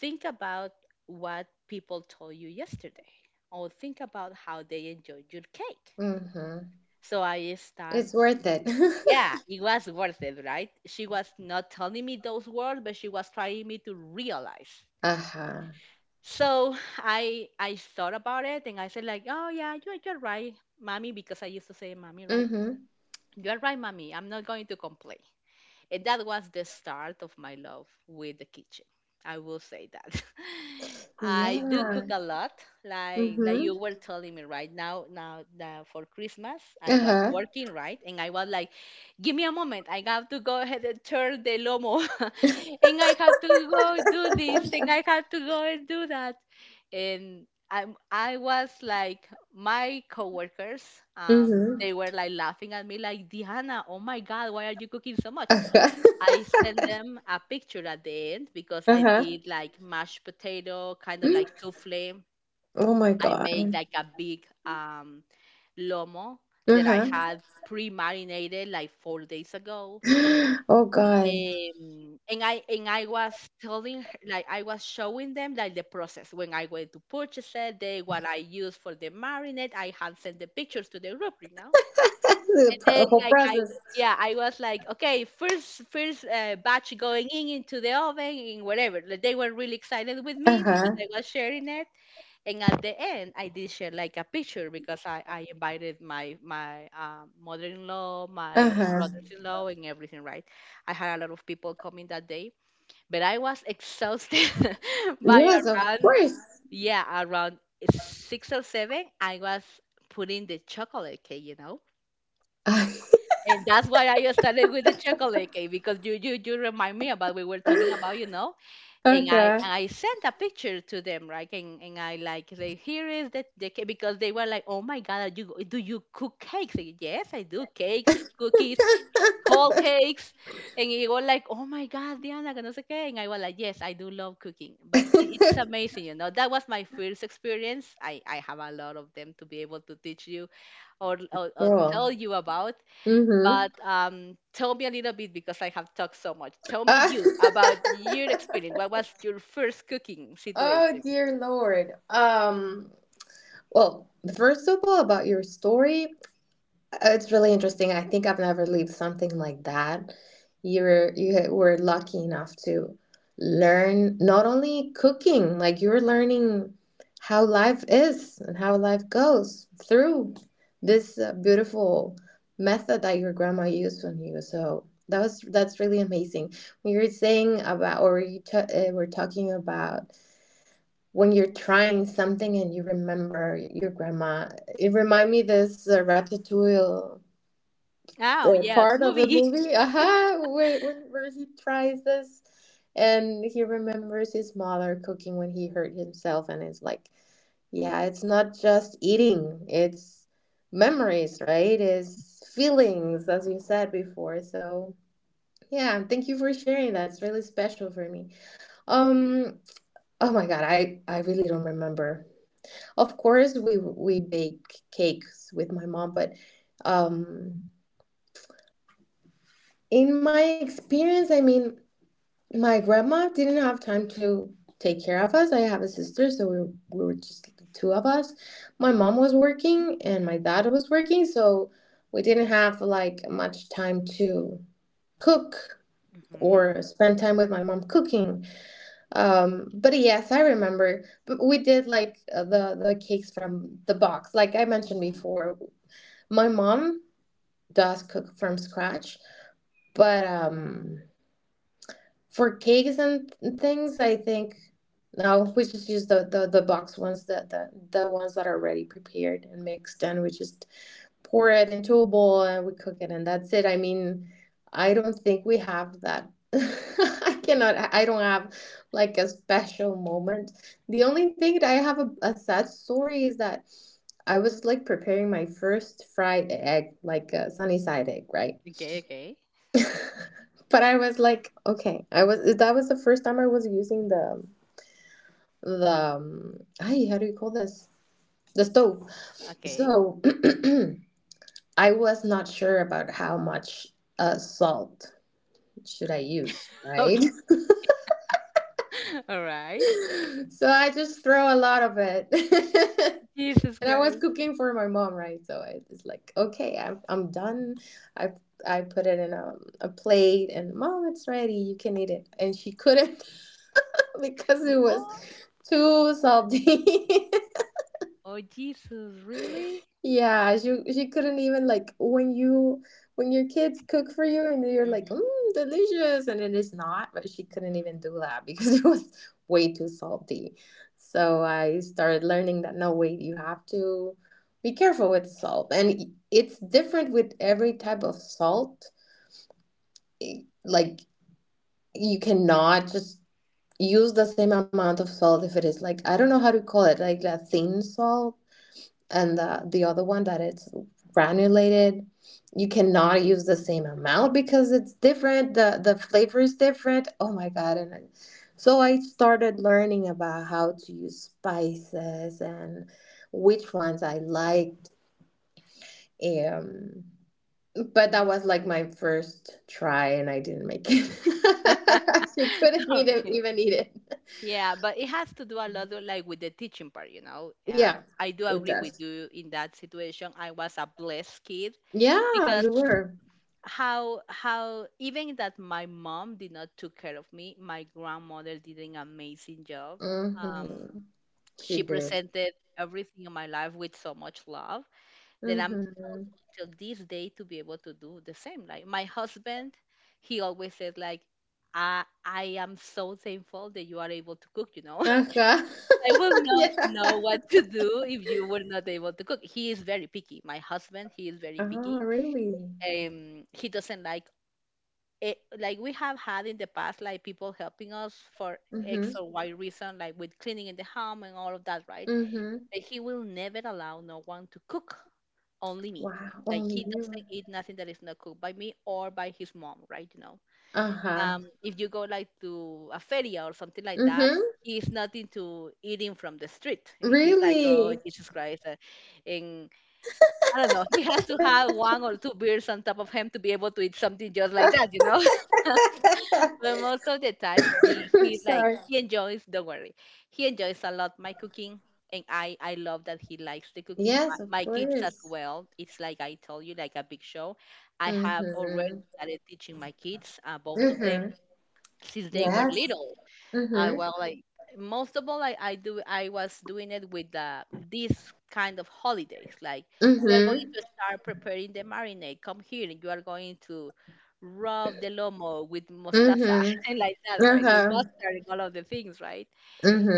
S1: think about what people told you yesterday, or think about how they enjoyed your cake.
S2: Mm-hmm.
S1: So I start,
S2: It's worth it.
S1: yeah, it was worth it, right? She was not telling me those words, but she was trying me to realize.
S2: Uh-huh.
S1: So I thought about it, and I said, like, oh yeah, you're right, mommy, because I used to say mommy, right?
S2: Mm-hmm.
S1: You're right, mommy. I'm not going to complain. And that was the start of my love with the kitchen. I will say that. I do
S2: Yeah.
S1: cook a lot, like
S2: Mm-hmm.
S1: you were telling me right now. Now for Christmas, I was
S2: Uh-huh.
S1: working, right, and I was like, "Give me a moment. I have to go ahead and turn the lomo, and I have to go do this, and I have to go and do that." And I was like, my coworkers, um,
S2: Mm-hmm.
S1: they were like laughing at me, like, Diana, oh my God, why are you cooking so much? I send
S2: Uh-huh.
S1: them a picture at the end because I
S2: Uh-huh.
S1: did, like, mashed potato, kind of like souffle.
S2: Oh my
S1: I made,
S2: God.
S1: like, a big lomo that I
S2: Uh-huh.
S1: had pre-marinated like 4 days ago.
S2: Oh God.
S1: And I was telling her, like, I was showing them like the process when I went to purchase it, they what I used for the marinade. I had sent the pictures to the group, you know. And
S2: The
S1: then,
S2: whole
S1: like, I
S2: process.
S1: yeah, I was like, okay, first batch going in into the oven and whatever. Like, they were really excited with me because
S2: Uh-huh.
S1: I was sharing it. And at the end, I did share like a picture because I invited my mother-in-law, my
S2: Uh-huh.
S1: brothers-in-law, and everything. Right, I had a lot of people coming that day, but I was exhausted by
S2: Yes, of
S1: around,
S2: course.
S1: yeah, around 6 or 7. I was putting the chocolate cake, you know, and that's why I started with the chocolate cake because you remind me about, we were talking about, you know, and I
S2: Okay.
S1: and I sent a picture to them, right? And I like say, here is the cake because they were like, oh my God, you do you cook cakes? I, yes, I do cakes, cookies, whole cakes, and you were like, oh my God, Diana, que no sé qué, and I was like, yes, I do love cooking, but it's amazing. That was my first experience. I have a lot of them to be able to teach you, or tell
S2: Cool.
S1: you about, but
S2: Mm-hmm.
S1: tell me a little bit because I have talked so much. Tell me
S2: Uh-
S1: you about your experience. What was your first cooking
S2: oh
S1: situation?
S2: dear Lord. Well, first of all, about your story, it's really interesting. I think I've never lived something like that. You were lucky enough to learn not only cooking, like you're learning how life is and how life goes through this beautiful method that your grandma used on you. So that's really amazing. When you were saying about, or were talking about when you're trying something and you remember your grandma, it remind me this Ratatouille
S1: Oh, yeah,
S2: part of the
S1: movie.
S2: movie. Aha, where he tries this, and he remembers his mother cooking when he hurt himself, and it's like, yeah, it's not just eating. It's memories, right? It's feelings, as you said before. So yeah, thank you for sharing that. It's really special for me. Um, oh my God, I really don't remember. Of course, we bake cakes with my mom, but um, in my experience, I mean, my grandma didn't have time to take care of us. I have a sister, so we were just the two of us. My mom was working and my dad was working, so we didn't have like much time to cook
S1: Hmm,
S2: or spend time with my mom cooking. But yes, I remember. But we did like the cakes from the box, like I mentioned
S1: hmm.
S2: before. My mom does cook from scratch, but for cakes and things, I think no, we just use the box ones, that the ones that are already prepared and mixed, and we just pour it into a bowl and we cook it and that's it. I mean, I don't think we have that. I don't have like a special moment. The only thing that I have, a sad story, is that I was like preparing my first fried egg, like a sunny side egg, right?
S1: Okay, okay,
S2: But I was like, okay, I was that was the first time I was using the ay, how do you call this? The stove.
S1: okay,
S2: So I was not sure about how much salt should I use,
S1: okay.
S2: right?
S1: All right.
S2: So I just throw a lot of it.
S1: Jesus
S2: And I was
S1: Christ.
S2: cooking for my mom, right? So I was like, okay, I'm done. I I put it in a plate, and mom, it's ready. You can eat it. And she couldn't because it was
S1: Oh,
S2: too salty.
S1: oh, Jesus, really?
S2: Yeah, she couldn't even, like when you when your kids cook for you and you're like,
S1: Mm-hmm.
S2: mm, delicious, and it is not, but she couldn't
S1: Mm-hmm.
S2: even do that because it was way too salty. So I started learning that no, wait, you have to be careful with salt. And it's different with every type of salt. Like you cannot just use the same amount of salt. If it is like, I don't know how to call it, like a thin salt and the other one that it's granulated, you cannot use the same amount because it's different. The flavor is different. Oh my god. And I- so I started learning about how to use spices and which ones I liked, um but that was like my first try and I didn't make it. She couldn't even
S1: Okay.
S2: eat it.
S1: Yeah, but it has to do a lot of, like, with the teaching part, you know.
S2: Yeah,
S1: I do
S2: it
S1: agree with
S2: does.
S1: you in that situation. I was a blessed kid
S2: Yeah,
S1: because
S2: you were.
S1: how even that my mom did not took care of me, my grandmother did an amazing job
S2: Mm-hmm.
S1: um
S2: She
S1: she
S2: did.
S1: presented everything in my life with so much love that I'm
S2: Mm-hmm.
S1: able till this day to be able to do the same. Like, my husband, he always said, like, I am so thankful that you are able to cook.
S2: Uh-huh.
S1: I will not
S2: Yeah.
S1: know what to do if you were not able to cook. He is very picky, my husband. He is very
S2: Oh,
S1: picky.
S2: really?
S1: He doesn't like it, like, we have had in the past, like, people helping us for
S2: Mm-hmm.
S1: X or Y reason, like, with cleaning in the home and all of that, right?
S2: Mm-hmm.
S1: But he will never allow no one to cook, only me.
S2: Wow,
S1: Like,
S2: only
S1: he
S2: you.
S1: doesn't eat nothing that is not cooked by me or by his mom, right? You know,
S2: Uh-huh.
S1: if you go like to a feria or something like that,
S2: Mm-hmm.
S1: he's not into eating from the street. He's like, oh
S2: Really?
S1: Jesus Christ, and I don't know. He has to have one or two beers on top of him to be able to eat something just like that. But most of the time, he he like
S2: Sorry.
S1: he enjoys. Don't worry, he enjoys a lot my cooking, and I love that he likes the cooking.
S2: Yes, of
S1: My kids as
S2: course.
S1: well. It's like I told you, like a big show. I have already
S2: Mm-hmm.
S1: started teaching my kids, both of them,
S2: Mm-hmm.
S1: since they were
S2: Yes.
S1: little. I
S2: Mm-hmm.
S1: well like, most of all, I was doing it with these kind of holidays. Like, we are going
S2: Mm-hmm.
S1: to start preparing the marinade. Come here and you are going to rub the lomo with mostaza
S2: Mm-hmm.
S1: and like that, right? With
S2: Uh-huh.
S1: mustard and all of the things, right?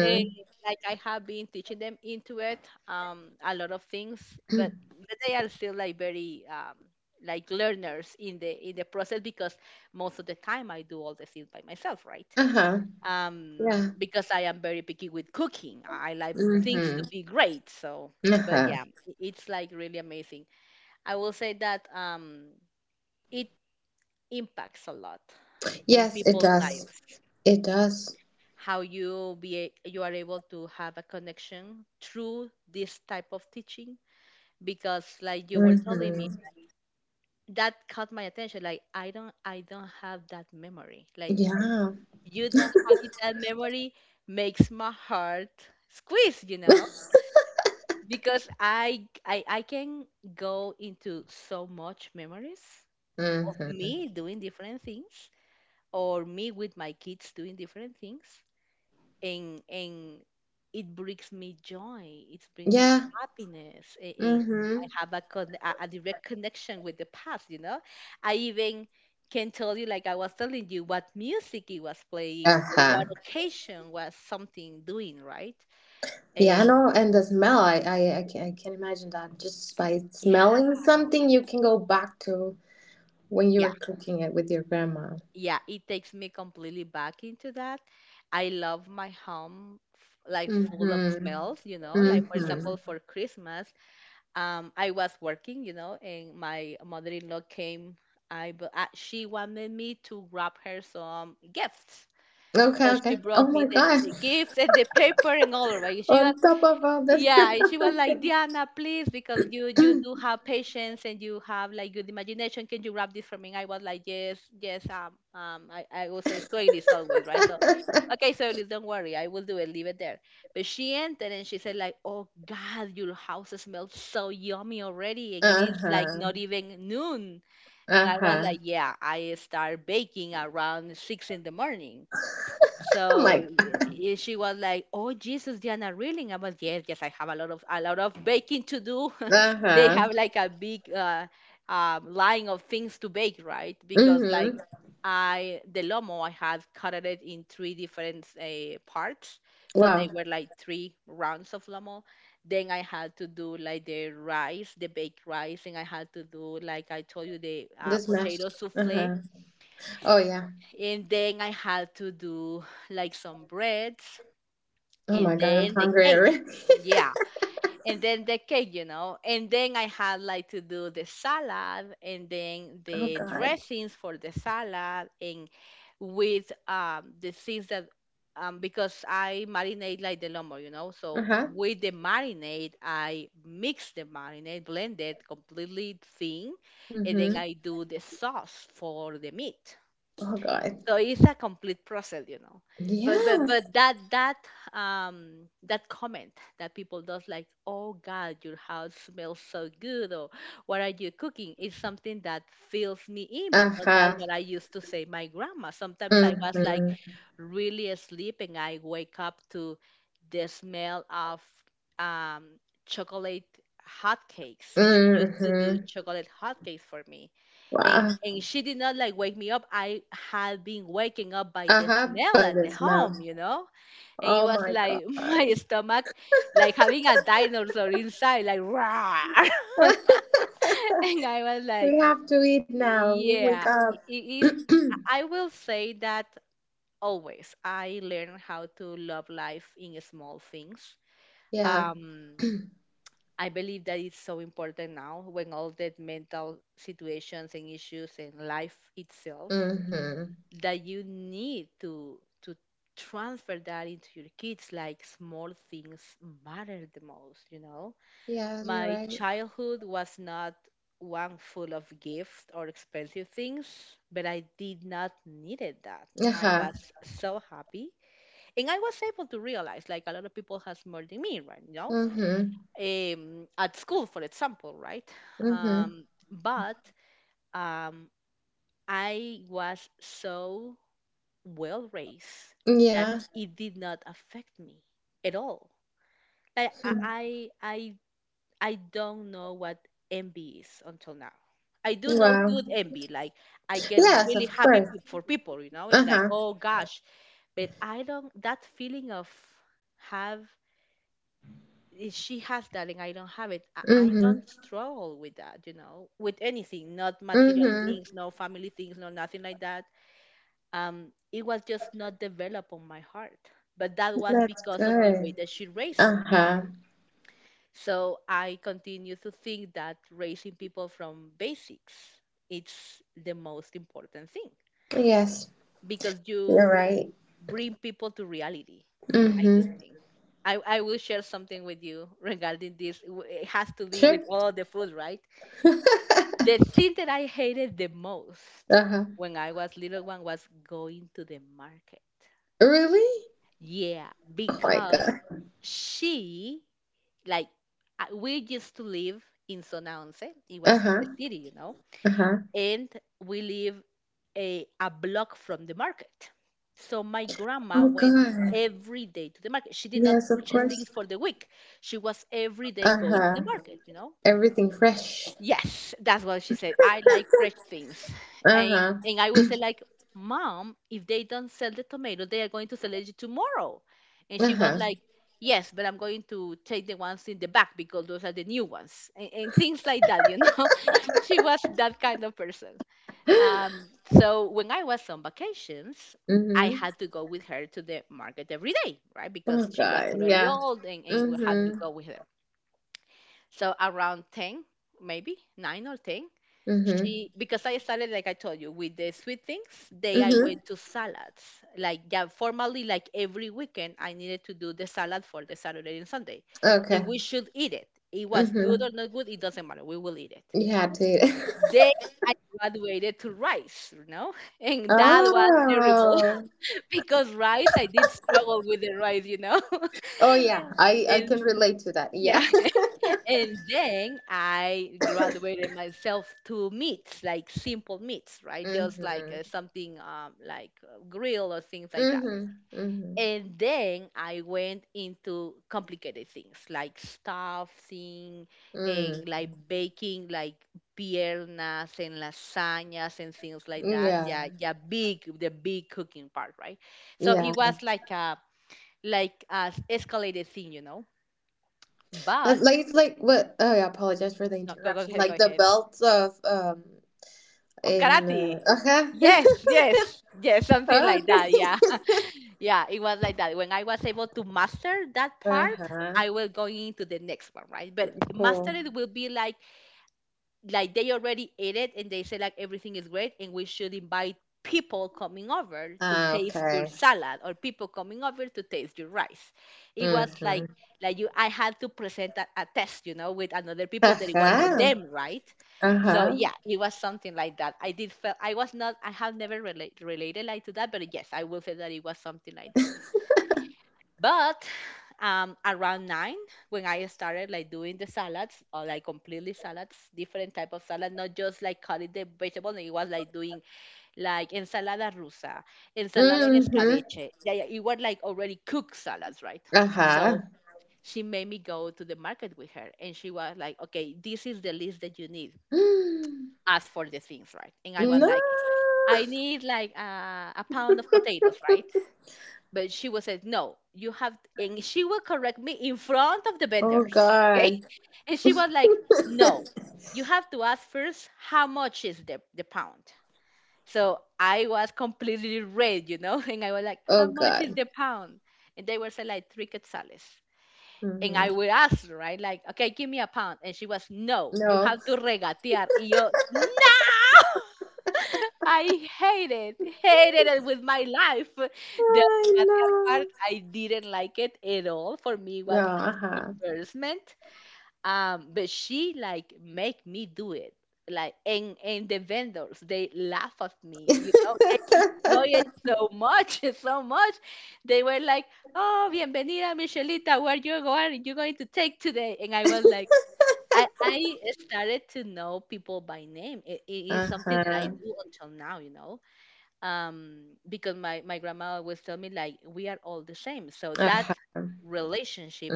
S1: And like, I have been teaching them into it, a lot of things, but they are still like very like, learners in the process because most of the time I do all the things by myself, right?
S2: Uh-huh. Yeah.
S1: Because I am very picky with cooking. I like things
S2: Mm-hmm.
S1: to be great. So, but
S2: Uh-huh.
S1: yeah, it's like really amazing. I will say that it impacts a lot in
S2: Yes, it
S1: people's
S2: does.
S1: lives.
S2: It does.
S1: How you be you are able to have a connection through this type of teaching because, like you were telling me,
S2: Mm-hmm.
S1: that caught my attention. Like, I don't have that memory. Like,
S2: Yeah.
S1: you not having that memory makes my heart squeeze. You know, because I can go into so much memories of
S2: Mhm.
S1: me doing different things, or me with my kids doing different things, and it brings me joy, it brings me
S2: Yeah.
S1: happiness, and I
S2: Mhm.
S1: have a direct connection with the past, you know. I even can tell you, like, I was telling you what music it was playing for
S2: Uh-huh.
S1: what occasion was something doing, right?
S2: Yeah,
S1: And
S2: no, and the smell, I can, I can imagine that just by
S1: yeah,
S2: smelling something, you can go back to when you
S1: yeah,
S2: were cooking it with your grandma.
S1: yeah, it takes me completely back into that. I love my home like, full of
S2: Mm-hmm.
S1: smells, you know. Like, for example,
S2: Mm-hmm.
S1: for Christmas, I was working, you know, and my mother-in-law came. She wanted me to grab her some gifts,
S2: Okay,
S1: so she
S2: okay. Oh
S1: brought
S2: my
S1: me the,
S2: God.
S1: the gifts and the paper and all. Right, she
S2: On
S1: was,
S2: top of all that.
S1: yeah, she was like, Diana, please, because you do have patience and you have like good imagination. Can you wrap this for me? I was like, yes, yes. I will say Swahili always, right? So, okay, Swahili, don't worry, I will do it. Leave it there. But she entered and she said, like, oh God, your house smells so yummy already, and it is like not
S2: Uh-huh.
S1: even noon. And I was
S2: Uh-huh.
S1: like, yeah, I start baking around 6 in the morning.
S2: Oh
S1: So
S2: my God.
S1: she was like, "Oh Jesus, Diana, really?" I was, "Yes, yes, I have a lot of baking to do." They
S2: Uh-huh.
S1: have like a big line of things to bake, right? Because
S2: Mm-hmm.
S1: like I the lomo, I had cut it in three different parts, so they
S2: Wow.
S1: were like three rounds of lomo. Then I had to do like the rice, the baked rice, and I had to do like I told you the
S2: This
S1: potato
S2: mashed.
S1: souffle,
S2: Uh-huh. Oh yeah.
S1: and then I had to do like some breads,
S2: Oh my
S1: and
S2: God, I'm
S1: then the
S2: hungry
S1: cake,
S2: already.
S1: yeah, and then the cake, and then I had like to do the salad and then
S2: Oh
S1: the
S2: God.
S1: dressings for the salad, and with the things that because I marinate like the lumber, you know. So
S2: Uh-huh.
S1: with the marinade, I mix the marinade, blend it completely thin, and then
S2: Mm-hmm.
S1: I do the sauce for the meat.
S2: Oh God.
S1: So it's a complete process, you know. but but
S2: Yes.
S1: but that comment that people does, like, oh God, your house smells so good, or what are you cooking, is something that fills me in, because that's
S2: Uh-huh.
S1: what I used to say. My grandma, sometimes I was like
S2: Mm-hmm.
S1: really asleep and I wake up to the smell of um chocolate hotcakes. She used to do
S2: Mm-hmm.
S1: chocolate hotcakes for me, and
S2: Wow.
S1: and she did not like wake me up. I had been waking up by the
S2: Uh-huh.
S1: smell
S2: By
S1: at the
S2: the
S1: home, you
S2: smell.
S1: know, and it
S2: Oh
S1: was
S2: my
S1: like, my
S2: God.
S1: stomach like having a dinosaur inside, like rah. And I was like,
S2: We have to eat now. We Wake
S1: yeah,
S2: up.
S1: I will say that always. I learn how to love life in small things.
S2: Yeah.
S1: Um, I believe that it's so important now, when all that mental situations and issues and life itself,
S2: Mm-hmm.
S1: that you need to transfer that into your kids, like small things matter the most, you know.
S2: Yeah, you're
S1: My
S2: right.
S1: childhood was not one full of gifts or expensive things, but I did not needed that. I
S2: Uh-huh.
S1: was so happy, and I was able to realize like a lot of people has more than me, right, you know.
S2: Mm-hmm.
S1: At school, for example, right.
S2: Mm-hmm.
S1: Um, but um, I was so well raised that
S2: Yeah.
S1: it did not affect me at all. Like I don't know what envy is until now. I do know good
S2: Wow.
S1: envy. Like I get
S2: Yes,
S1: really
S2: of
S1: happy
S2: course.
S1: for people, you know, and like,
S2: Uh-huh.
S1: oh gosh. But I don't. That feeling of have she has that and I don't have it. I
S2: Mm-hmm.
S1: don't struggle with that, you know, with anything. Not material
S2: Mm-hmm.
S1: things, no family things, no nothing like that. um, it was just not developed on my heart. But that was
S2: That's
S1: because of the way
S2: good.
S1: that she raised me.
S2: Uh-huh.
S1: So I continue to think that raising people from basics, it's the most important thing,
S2: Yes,
S1: because
S2: you're
S1: you
S2: right.
S1: bring people to reality, I do
S2: Mm-hmm.
S1: think. I will share something with you regarding this. It has to do with
S2: Sure.
S1: all the food, right? The thing that I hated the most
S2: Uh-huh.
S1: when I was little one was going to the market.
S2: Really?
S1: Yeah,
S2: Oh my
S1: because
S2: God.
S1: she, like we used to live in Sonaonce. It was in the
S2: Uh-huh.
S1: city, you know,
S2: Uh-huh.
S1: and we live a block from the market. So my
S2: Oh
S1: grandma went
S2: God.
S1: every day to the market. She did not
S2: Yes, of
S1: purchase
S2: course.
S1: things for the week. She was every day going to
S2: Uh-huh.
S1: the market, you know.
S2: Everything fresh.
S1: Yes, that's what she said. I like fresh things. And
S2: Uh-huh.
S1: and I would say like, Mom, if they don't sell the tomato, they are going to sell it tomorrow. And she was
S2: Uh-huh.
S1: like, yes, but I'm going to take the ones in the back because those are the new ones. And things like that, you know. She was that kind of person. So when I was on vacations, I
S2: Mm-hmm.
S1: had to go with her to the market every day, right?
S2: Oh
S1: Because she was
S2: God.
S1: already
S2: Yeah.
S1: old, and we had to
S2: Mm-hmm.
S1: go with her. So around 10, maybe 9 or 10,
S2: Mm-hmm.
S1: she, because I started like I told you with the sweet things, they, I
S2: Mm-hmm.
S1: went to salads. Like, yeah, formally, like every weekend I needed to do the salad for the Saturday and Sunday. And
S2: Okay.
S1: we should eat it. It was good
S2: Mm-hmm.
S1: or not good, it doesn't matter. We will eat it.
S2: You had to.
S1: Then I graduated to rice, you know. And that was terrible,
S2: Oh.
S1: because rice, I did struggle with the rice, you know.
S2: Oh yeah. I can
S1: And
S2: relate to that. Yeah.
S1: yeah, and then I graduated myself to meats, like simple meats, right? Just like
S2: Mm-hmm.
S1: something like grill or things like that.
S2: Mm-hmm. Mm-hmm.
S1: And then I went into complicated things like stuffing
S2: Mm.
S1: and like baking, like piernas and lasagnas and things like that.
S2: Yeah,
S1: Yeah, yeah, big, the big cooking part, right? So it
S2: yeah.
S1: was like a, like a escalated thing, you know. But
S2: That's like, it's like what? Oh, yeah. Apologize for the
S1: no, go
S2: interruption.
S1: ahead, go
S2: Like the
S1: ahead.
S2: belts of
S1: Of
S2: in
S1: karate.
S2: uh-huh.
S1: Yes, yes, yes, something
S2: Oh,
S1: like that. Yeah.
S2: okay.
S1: Yeah, it was like that. When I was able to master that part,
S2: Uh-huh.
S1: I will go into the next one, right? But master
S2: Cool.
S1: it will be like, they already ate it and they say like, everything is great, and we should invite people coming over to
S2: Ah,
S1: taste your
S2: okay.
S1: salad, or people coming over to taste your rice. It was like,
S2: Mm-hmm.
S1: you, I had to present a test, you know, with another people that it was not
S2: Uh-huh.
S1: them, right? So
S2: Uh-huh.
S1: yeah, it was something like that. I did feel I was not, I have never related like to that, but yes, I will say that it was something like. But around 9, when I started like doing the salads, or like completely salads, different type of salad, not just like cutting the vegetable. It was like doing like ensalada rusa, ensalada en
S2: hmm
S1: escabeche. Yeah, yeah, it were like already cooked salads, right?
S2: Uh-huh.
S1: So she made me go to the market with her, and she was like, "Okay, this is the list that you need. Ask for the things," right? And I was
S2: No.
S1: like, I need like a pound of potatoes, right? But she will say, no, you have, and she will correct me in front of the
S2: Oh
S1: vendors. Okay.
S2: God.
S1: And she was like, no, you have to ask first how much is the pound. So I was completely red, you know, and I was like,
S2: Oh
S1: how much is
S2: God.
S1: the pound? And they were saying like, 3 quetzales. And
S2: Mm-hmm.
S1: I would ask, right, like, okay, give me a pound. And she was, no, you
S2: No.
S1: have to regatear. Y yo, no. I hate it, hated it with my life. The
S2: I
S1: financial part,
S2: know.
S1: I didn't like it at all. For me, it
S2: No.
S1: was
S2: Uh-huh.
S1: embarrassment. But she like make me do it. Like, and the vendors, they laugh at me, you know. They
S2: uh-huh.
S1: enjoy it so much, so much. They were like, "Oh, bienvenida, Michelita. Where you going? You going to take today?" And I was like. I started to know people by name. It is something that I do until now, you know, um, because my grandma always tell me like, we are all the same. So that
S2: Uh-huh.
S1: relationship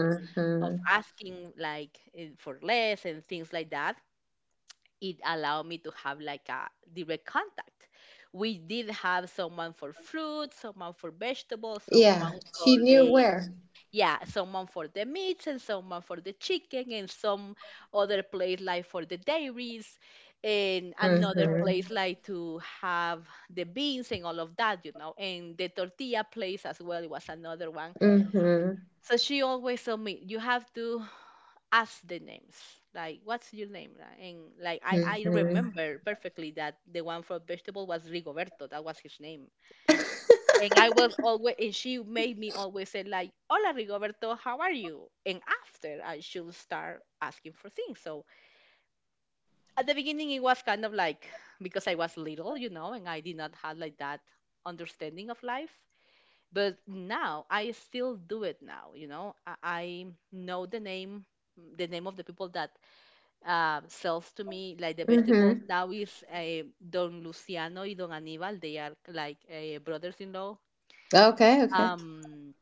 S1: of asking like, for less and things like that, it allowed me to have like a direct contact. We did have someone for fruit, someone for vegetables, someone
S2: Yeah,
S1: for
S2: she knew
S1: the,
S2: where.
S1: yeah, someone for the meats, and someone for the chicken, and some other place like for the dairies, and another place
S2: Mm-hmm.
S1: like to have the beans and all of that, you know. And the tortilla place as well was another one.
S2: Mm-hmm.
S1: So she always told me, you have to ask the names. Like, what's your name, right? And like, I
S2: Mm-hmm.
S1: remember perfectly that the one for vegetable was Rigoberto. That was his name. And I was always, and she made me always say like, "Hola, Rigoberto, how are you?" And after, I should start asking for things. So at the beginning, it was kind of like, because I was little, you know, and I did not have like that understanding of life. But now I still do it now, you know. I know the name, of the people that sells to me, like the vegetables.
S2: mm-hmm.
S1: Now is Don Luciano y Don Aníbal. They are like brothers-in-law.
S2: Okay, okay.
S1: Um,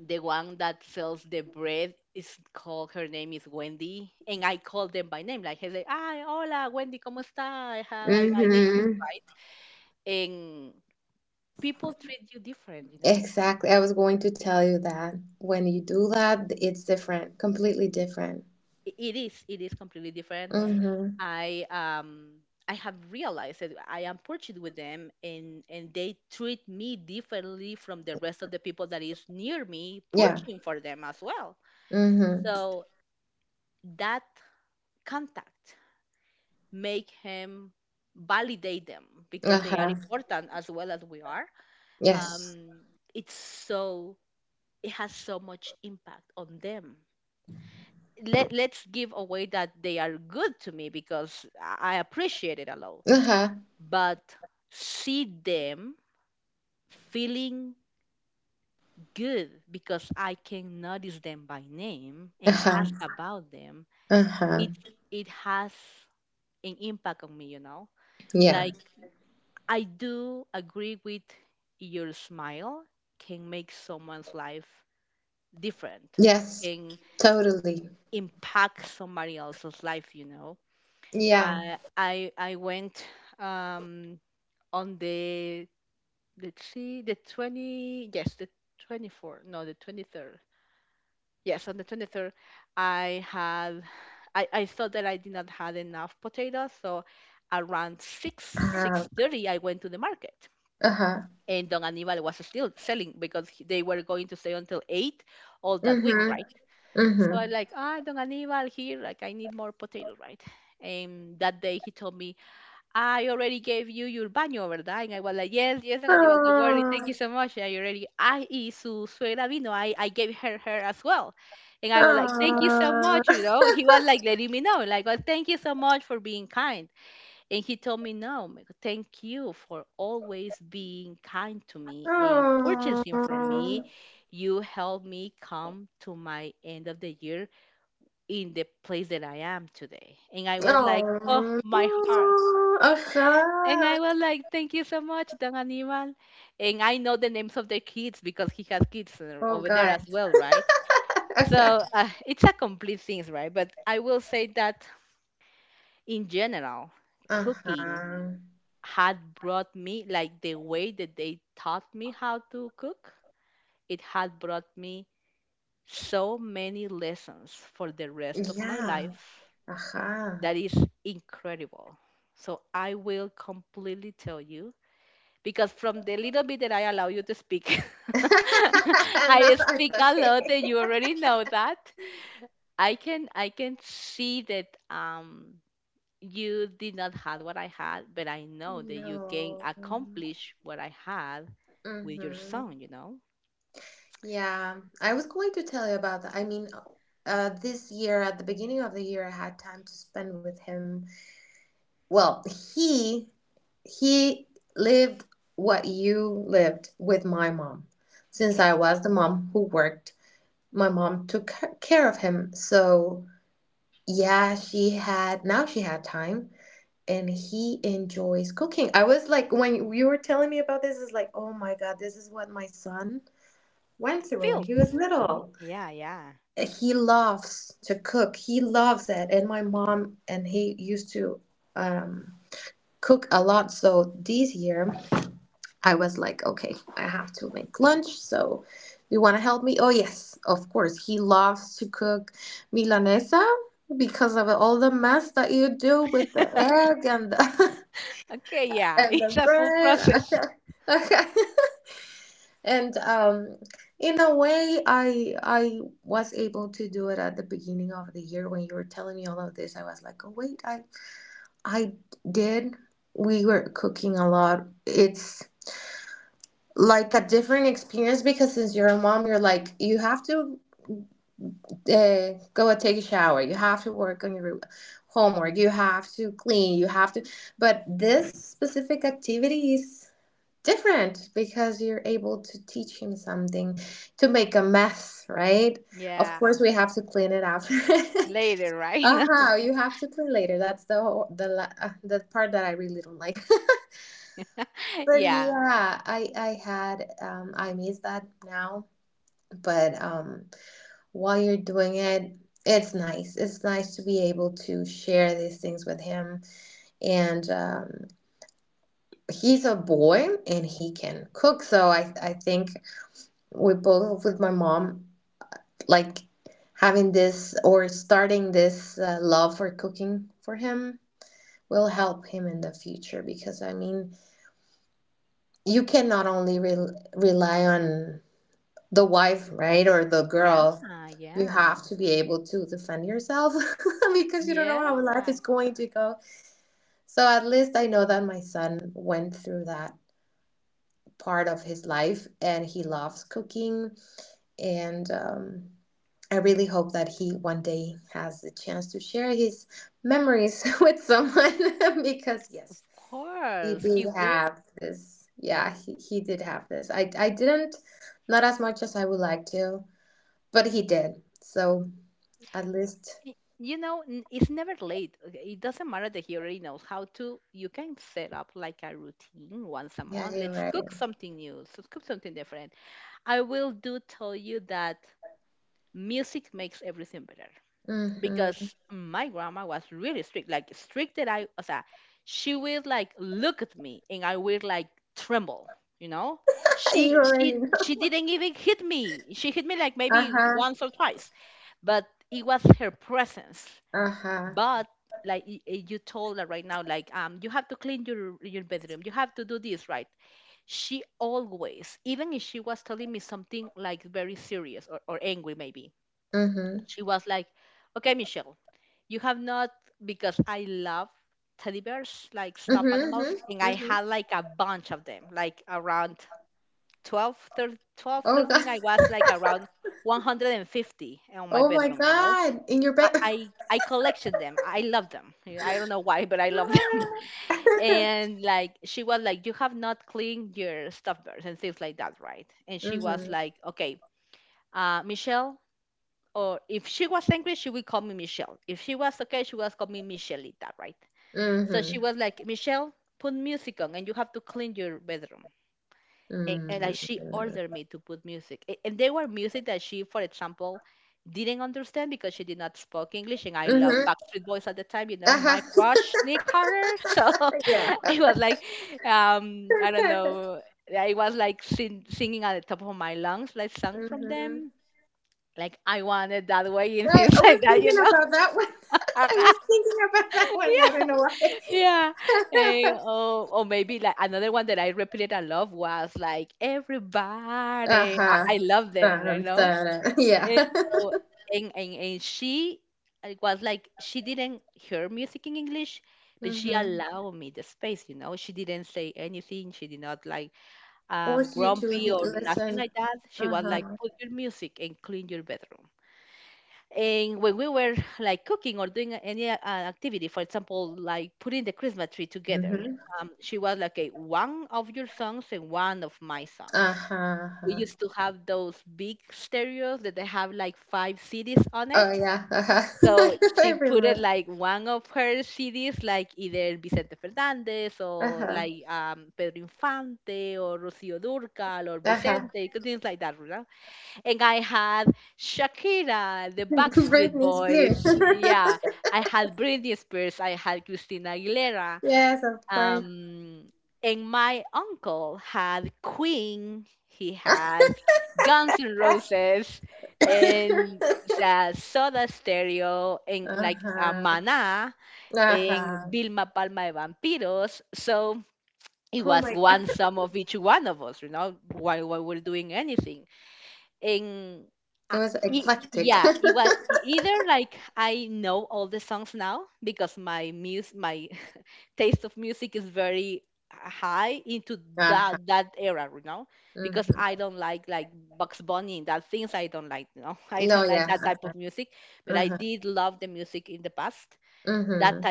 S1: the one that sells the bread is called, her name is Wendy, and I call them by name, like I say hi, hola Wendy, como esta, I have, I need,
S2: Mm-hmm.
S1: right. And people treat you different, you know.
S2: Exactly. I was going to tell you that when you do that, it's different, completely different.
S1: It is, it is completely different.
S2: Mm-hmm.
S1: I um I have realized that I am purchased with them, and they treat me differently from the rest of the people that is near me
S2: Yeah.
S1: purchasing for them as well.
S2: Mm-hmm.
S1: So that contact make him validate them, because they are
S2: Uh-huh.
S1: important as well as we are.
S2: Yes.
S1: um, it's so, it has so much impact on them. Let's give away that they are good to me, because I appreciate it a lot.
S2: Uh-huh.
S1: But see them feeling good, because I can notice them by name and
S2: Uh-huh.
S1: ask about them,
S2: Uh-huh.
S1: it it has an impact on me, you know.
S2: Yeah.
S1: Like, I do agree with, your smile can make someone's life different. It
S2: Yes,
S1: can
S2: totally.
S1: impact somebody else's life, you know.
S2: Yeah.
S1: I went um on the, let's see, the 20, yes, the 24, no, the 23rd, yes, on the 23rd, I had, I thought that I did not have enough potatoes. So around 6,
S2: Uh-huh.
S1: 6:30, I went to the market,
S2: Uh-huh.
S1: and Don Aníbal was still selling because they were going to stay until 8 all that week,
S2: Mm-hmm.
S1: right?
S2: Mm-hmm.
S1: So I like, ah, Don Aníbal, here, like, I need more potato, right? And that day he told me, I already gave you your baño, ¿verdad? And I was like, yes, yes, Don Aníbal, don't worry,
S2: Oh.
S1: thank you so much. I already, I is su suegra vino, I gave her her as well. And I was like, thank you so
S2: Oh.
S1: much, you know. He was like letting me know, like, well, thank you so much for being kind. And he told me, no, Meg, thank you for always being kind to me and purchasing from
S2: Oh.
S1: me. You helped me come to my end of the year in the place that I am today. And I was like, oh,
S2: Oh.
S1: my heart. And
S2: Uh-huh.
S1: I was like, thank you so much, Don Aníbal. And I know the names of the kids, because he has kids
S2: Oh
S1: over there as
S2: God.
S1: well, right?
S2: Uh-huh.
S1: So it's a complete thing, right? But I will say that in general, cooking
S2: Uh-huh.
S1: had brought me, like the way that they taught me how to cook, it had brought me so many lessons for the rest of my
S2: Yeah.
S1: life,
S2: Uh-huh.
S1: that is incredible. So I will completely tell you, because from the little bit that I allow you to speak,
S2: no,
S1: I speak
S2: it's
S1: a
S2: okay.
S1: lot, and you already know that. I can see that you did not have what I had, but I know that you can
S2: No.
S1: accomplish what I had with your
S2: Mm-hmm.
S1: son, you know.
S2: Yeah, I was going to tell you about that. I mean, this year at the beginning of the year, I had time to spend with him. Well, he he lived what you lived with my mom. Since
S1: Okay.
S2: I was the mom who worked, my mom took care of him. So yeah, she had, now she had time, and he enjoys cooking. I was like, when you were telling me about this, is like, oh my God, this is what my son went through when
S1: Feels.
S2: he was little.
S1: Yeah, yeah.
S2: He loves to cook. He loves it. And my mom and he used to um, cook a lot. So this year I was like, okay, I have to make lunch. So you want to help me? Oh, yes, of course. He loves to cook Milanesa because of all the mess that you do with the egg and the,
S1: Okay, yeah,
S2: and
S1: it's
S2: the
S1: a full process.
S2: bread. Okay. And in a way I was able to do it at the beginning of the year. When you were telling me all of this, I was like, oh wait, I did, we were cooking a lot. It's like a different experience because since you're a mom, you're like, you have to go and take a shower, you have to work on your homework, you have to clean, you have to, but this specific activity is different because you're able to teach him something, to make a mess, right? Of
S1: Yeah.
S2: course, we have to clean it after.
S1: Later, right?
S2: uh-huh, you have to clean later. That's the whole, the part that I really don't like. But
S1: Yeah.
S2: yeah, I had I miss that now, but while you're doing it, it's nice. It's nice to be able to share these things with him, and he's a boy and he can cook, so I think we both with my mom, like having this or starting this love for cooking for him will help him in the future, because I mean, you can not only rely on the wife, right, or the
S1: Yeah,
S2: girl. You
S1: yeah.
S2: have to be able to defend yourself because you don't know
S1: Yeah.
S2: how life is going to go. So at least I know that my son went through that part of his life and he loves cooking, and I really hope that he one day has the chance to share his memories with someone. Because
S1: Of
S2: yes, he
S1: course.
S2: did
S1: He will.
S2: have this. Yeah, he did have this. I didn't, not as much as I would like to, but he did. So at least,
S1: Y- You know, it's never late, okay? It doesn't matter that he already knows how to. You can set up like a routine once a
S2: yeah,
S1: month.
S2: you're
S1: Let's
S2: right.
S1: cook something new. Let's cook something different. I will do tell you that music makes everything better,
S2: Mm-hmm.
S1: because my grandma was really strict, like strict that I, o sea, she will like look at me and I will like tremble, you know.
S2: You already know.
S1: She didn't even hit me. She hit me like maybe
S2: Uh-huh.
S1: once or twice, but it was her presence.
S2: Uh-huh.
S1: But like, you told her right now like, you have to clean your bedroom, you have to do this, right. She always, even if she was telling me something like very serious, or angry maybe,
S2: Mm-hmm.
S1: she was like, okay Michelle, you have not, because I love
S2: Mm-hmm. Mm-hmm. Mm-hmm. Oh God. Oh my God. In your bed. mm-hmm. Mm-hmm. Mm. Mm-hmm. Uh-huh. yeah. mm-hmm. I was thinking about that one. I was thinking about that one. I don't know why. uh-huh. Dun, dun, dun. Yeah. mm-hmm. Force you to listen. Uh-huh. Mm-hmm. Uh-huh. uh-huh. Oh, yeah. Uh-huh. I remember. Uh-huh. Uh-huh. Britney Spears. yes, of course. uh-huh. Uh-huh. Oh my god. It was eclectic. uh-huh. hmm No, yeah. Uh-huh. hmm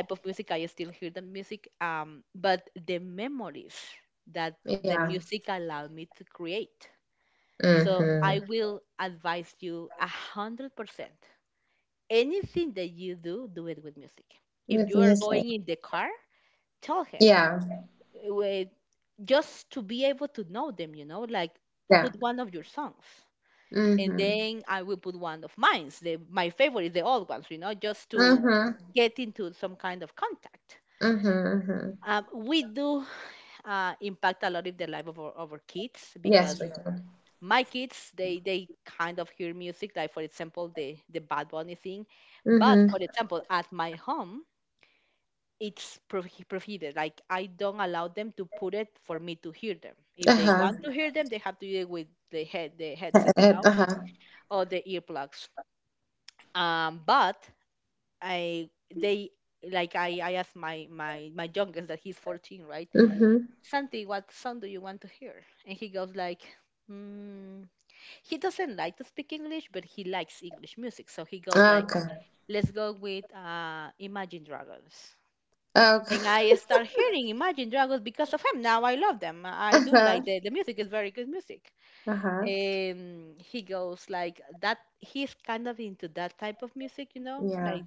S2: Yeah. hmm With music. Yeah. Yeah. Mm-hmm. Mm-hmm. Mm-hmm. Mm-hmm. Yes, we do. Mm-hmm. Uh-huh. Uh-huh. Mm-hmm. Okay. Okay. Uh-huh. Uh-huh. Yeah.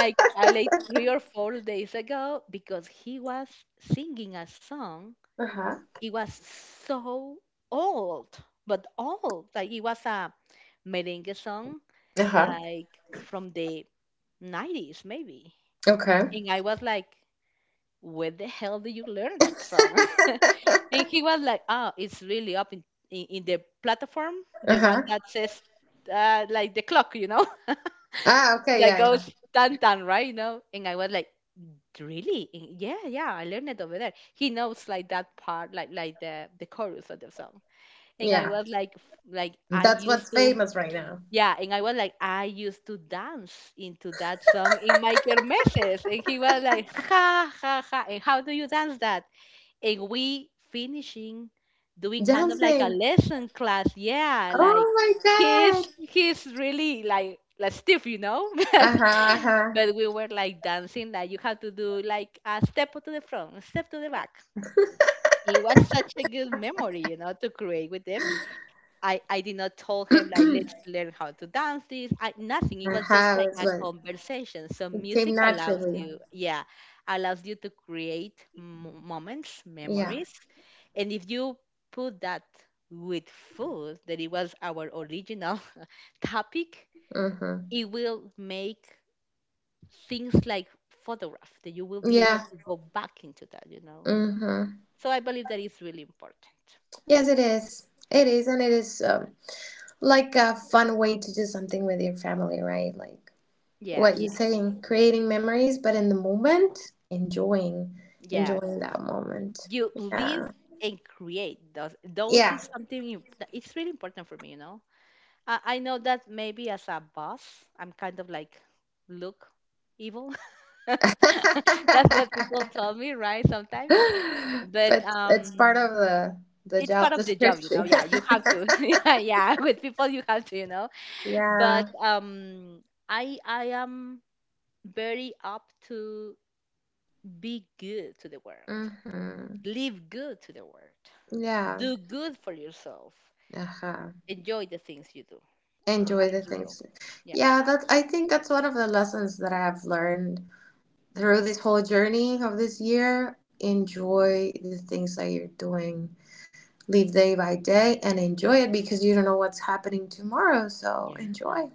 S2: Uh-huh. Uh-huh. Okay. Uh huh. Ah, okay, yeah, yeah, yeah. That's what's famous right now. Dancing. Oh my god. Uh huh. Uh huh. uh huh. It's like it came naturally. Yeah. Mm hmm. Yeah. Mm hmm. Yes, it is. It is, and it is like a fun way to do something with your family, right? Like what you're saying, creating memories, but in the moment, enjoying, enjoying that moment. Yeah. Yeah. But it's part of the job description. yeah. Mm-hmm. Yeah. Uh-huh. Enjoy the things. Yeah, that's, I think that's one of the lessons that I have learned through this whole journey of this year. Enjoy the things that you're doing. Live day by day and enjoy it because you don't know what's happening tomorrow, so enjoy.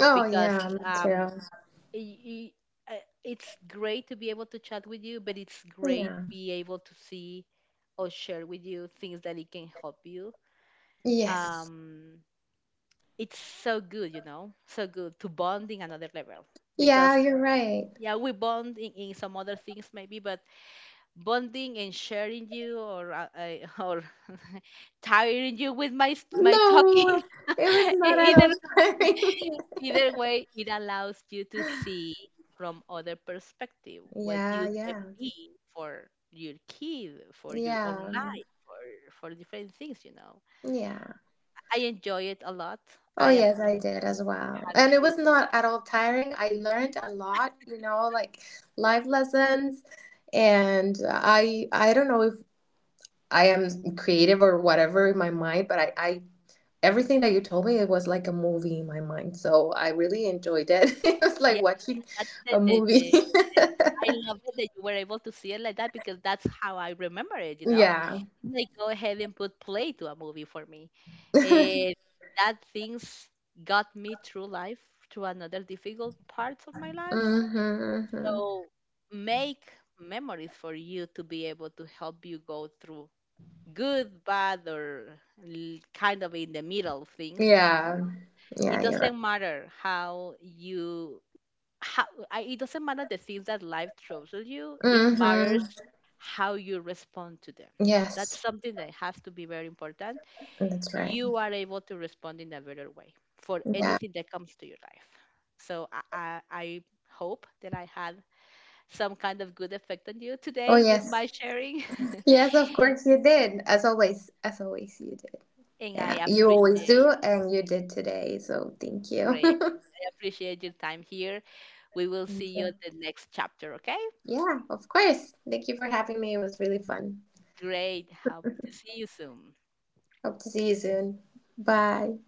S2: Oh yeah, me too. Yeah. Yes. Yeah, you're right. No, it was not at all tiring. Yeah, yeah, yeah, yeah. Oh, yes, I did as well. And it was not at all tiring. I learned a lot, you know, like life lessons. And I don't know if I am creative or whatever in my mind, but I everything that you told me, it was like a movie in my mind. So I really enjoyed it. It was like watching a movie. Yeah. Mm-hmm, hmm Yeah. Yeah, you're right. Mm-hmm. Yes, that's right. Yeah. Oh, yes. Yes, of course you did. As always, you did. Yeah, you always do, and you did today. So thank you. Thank you. Yeah, of course. Thank you for having me. It was really fun. Hope to see you soon. Bye.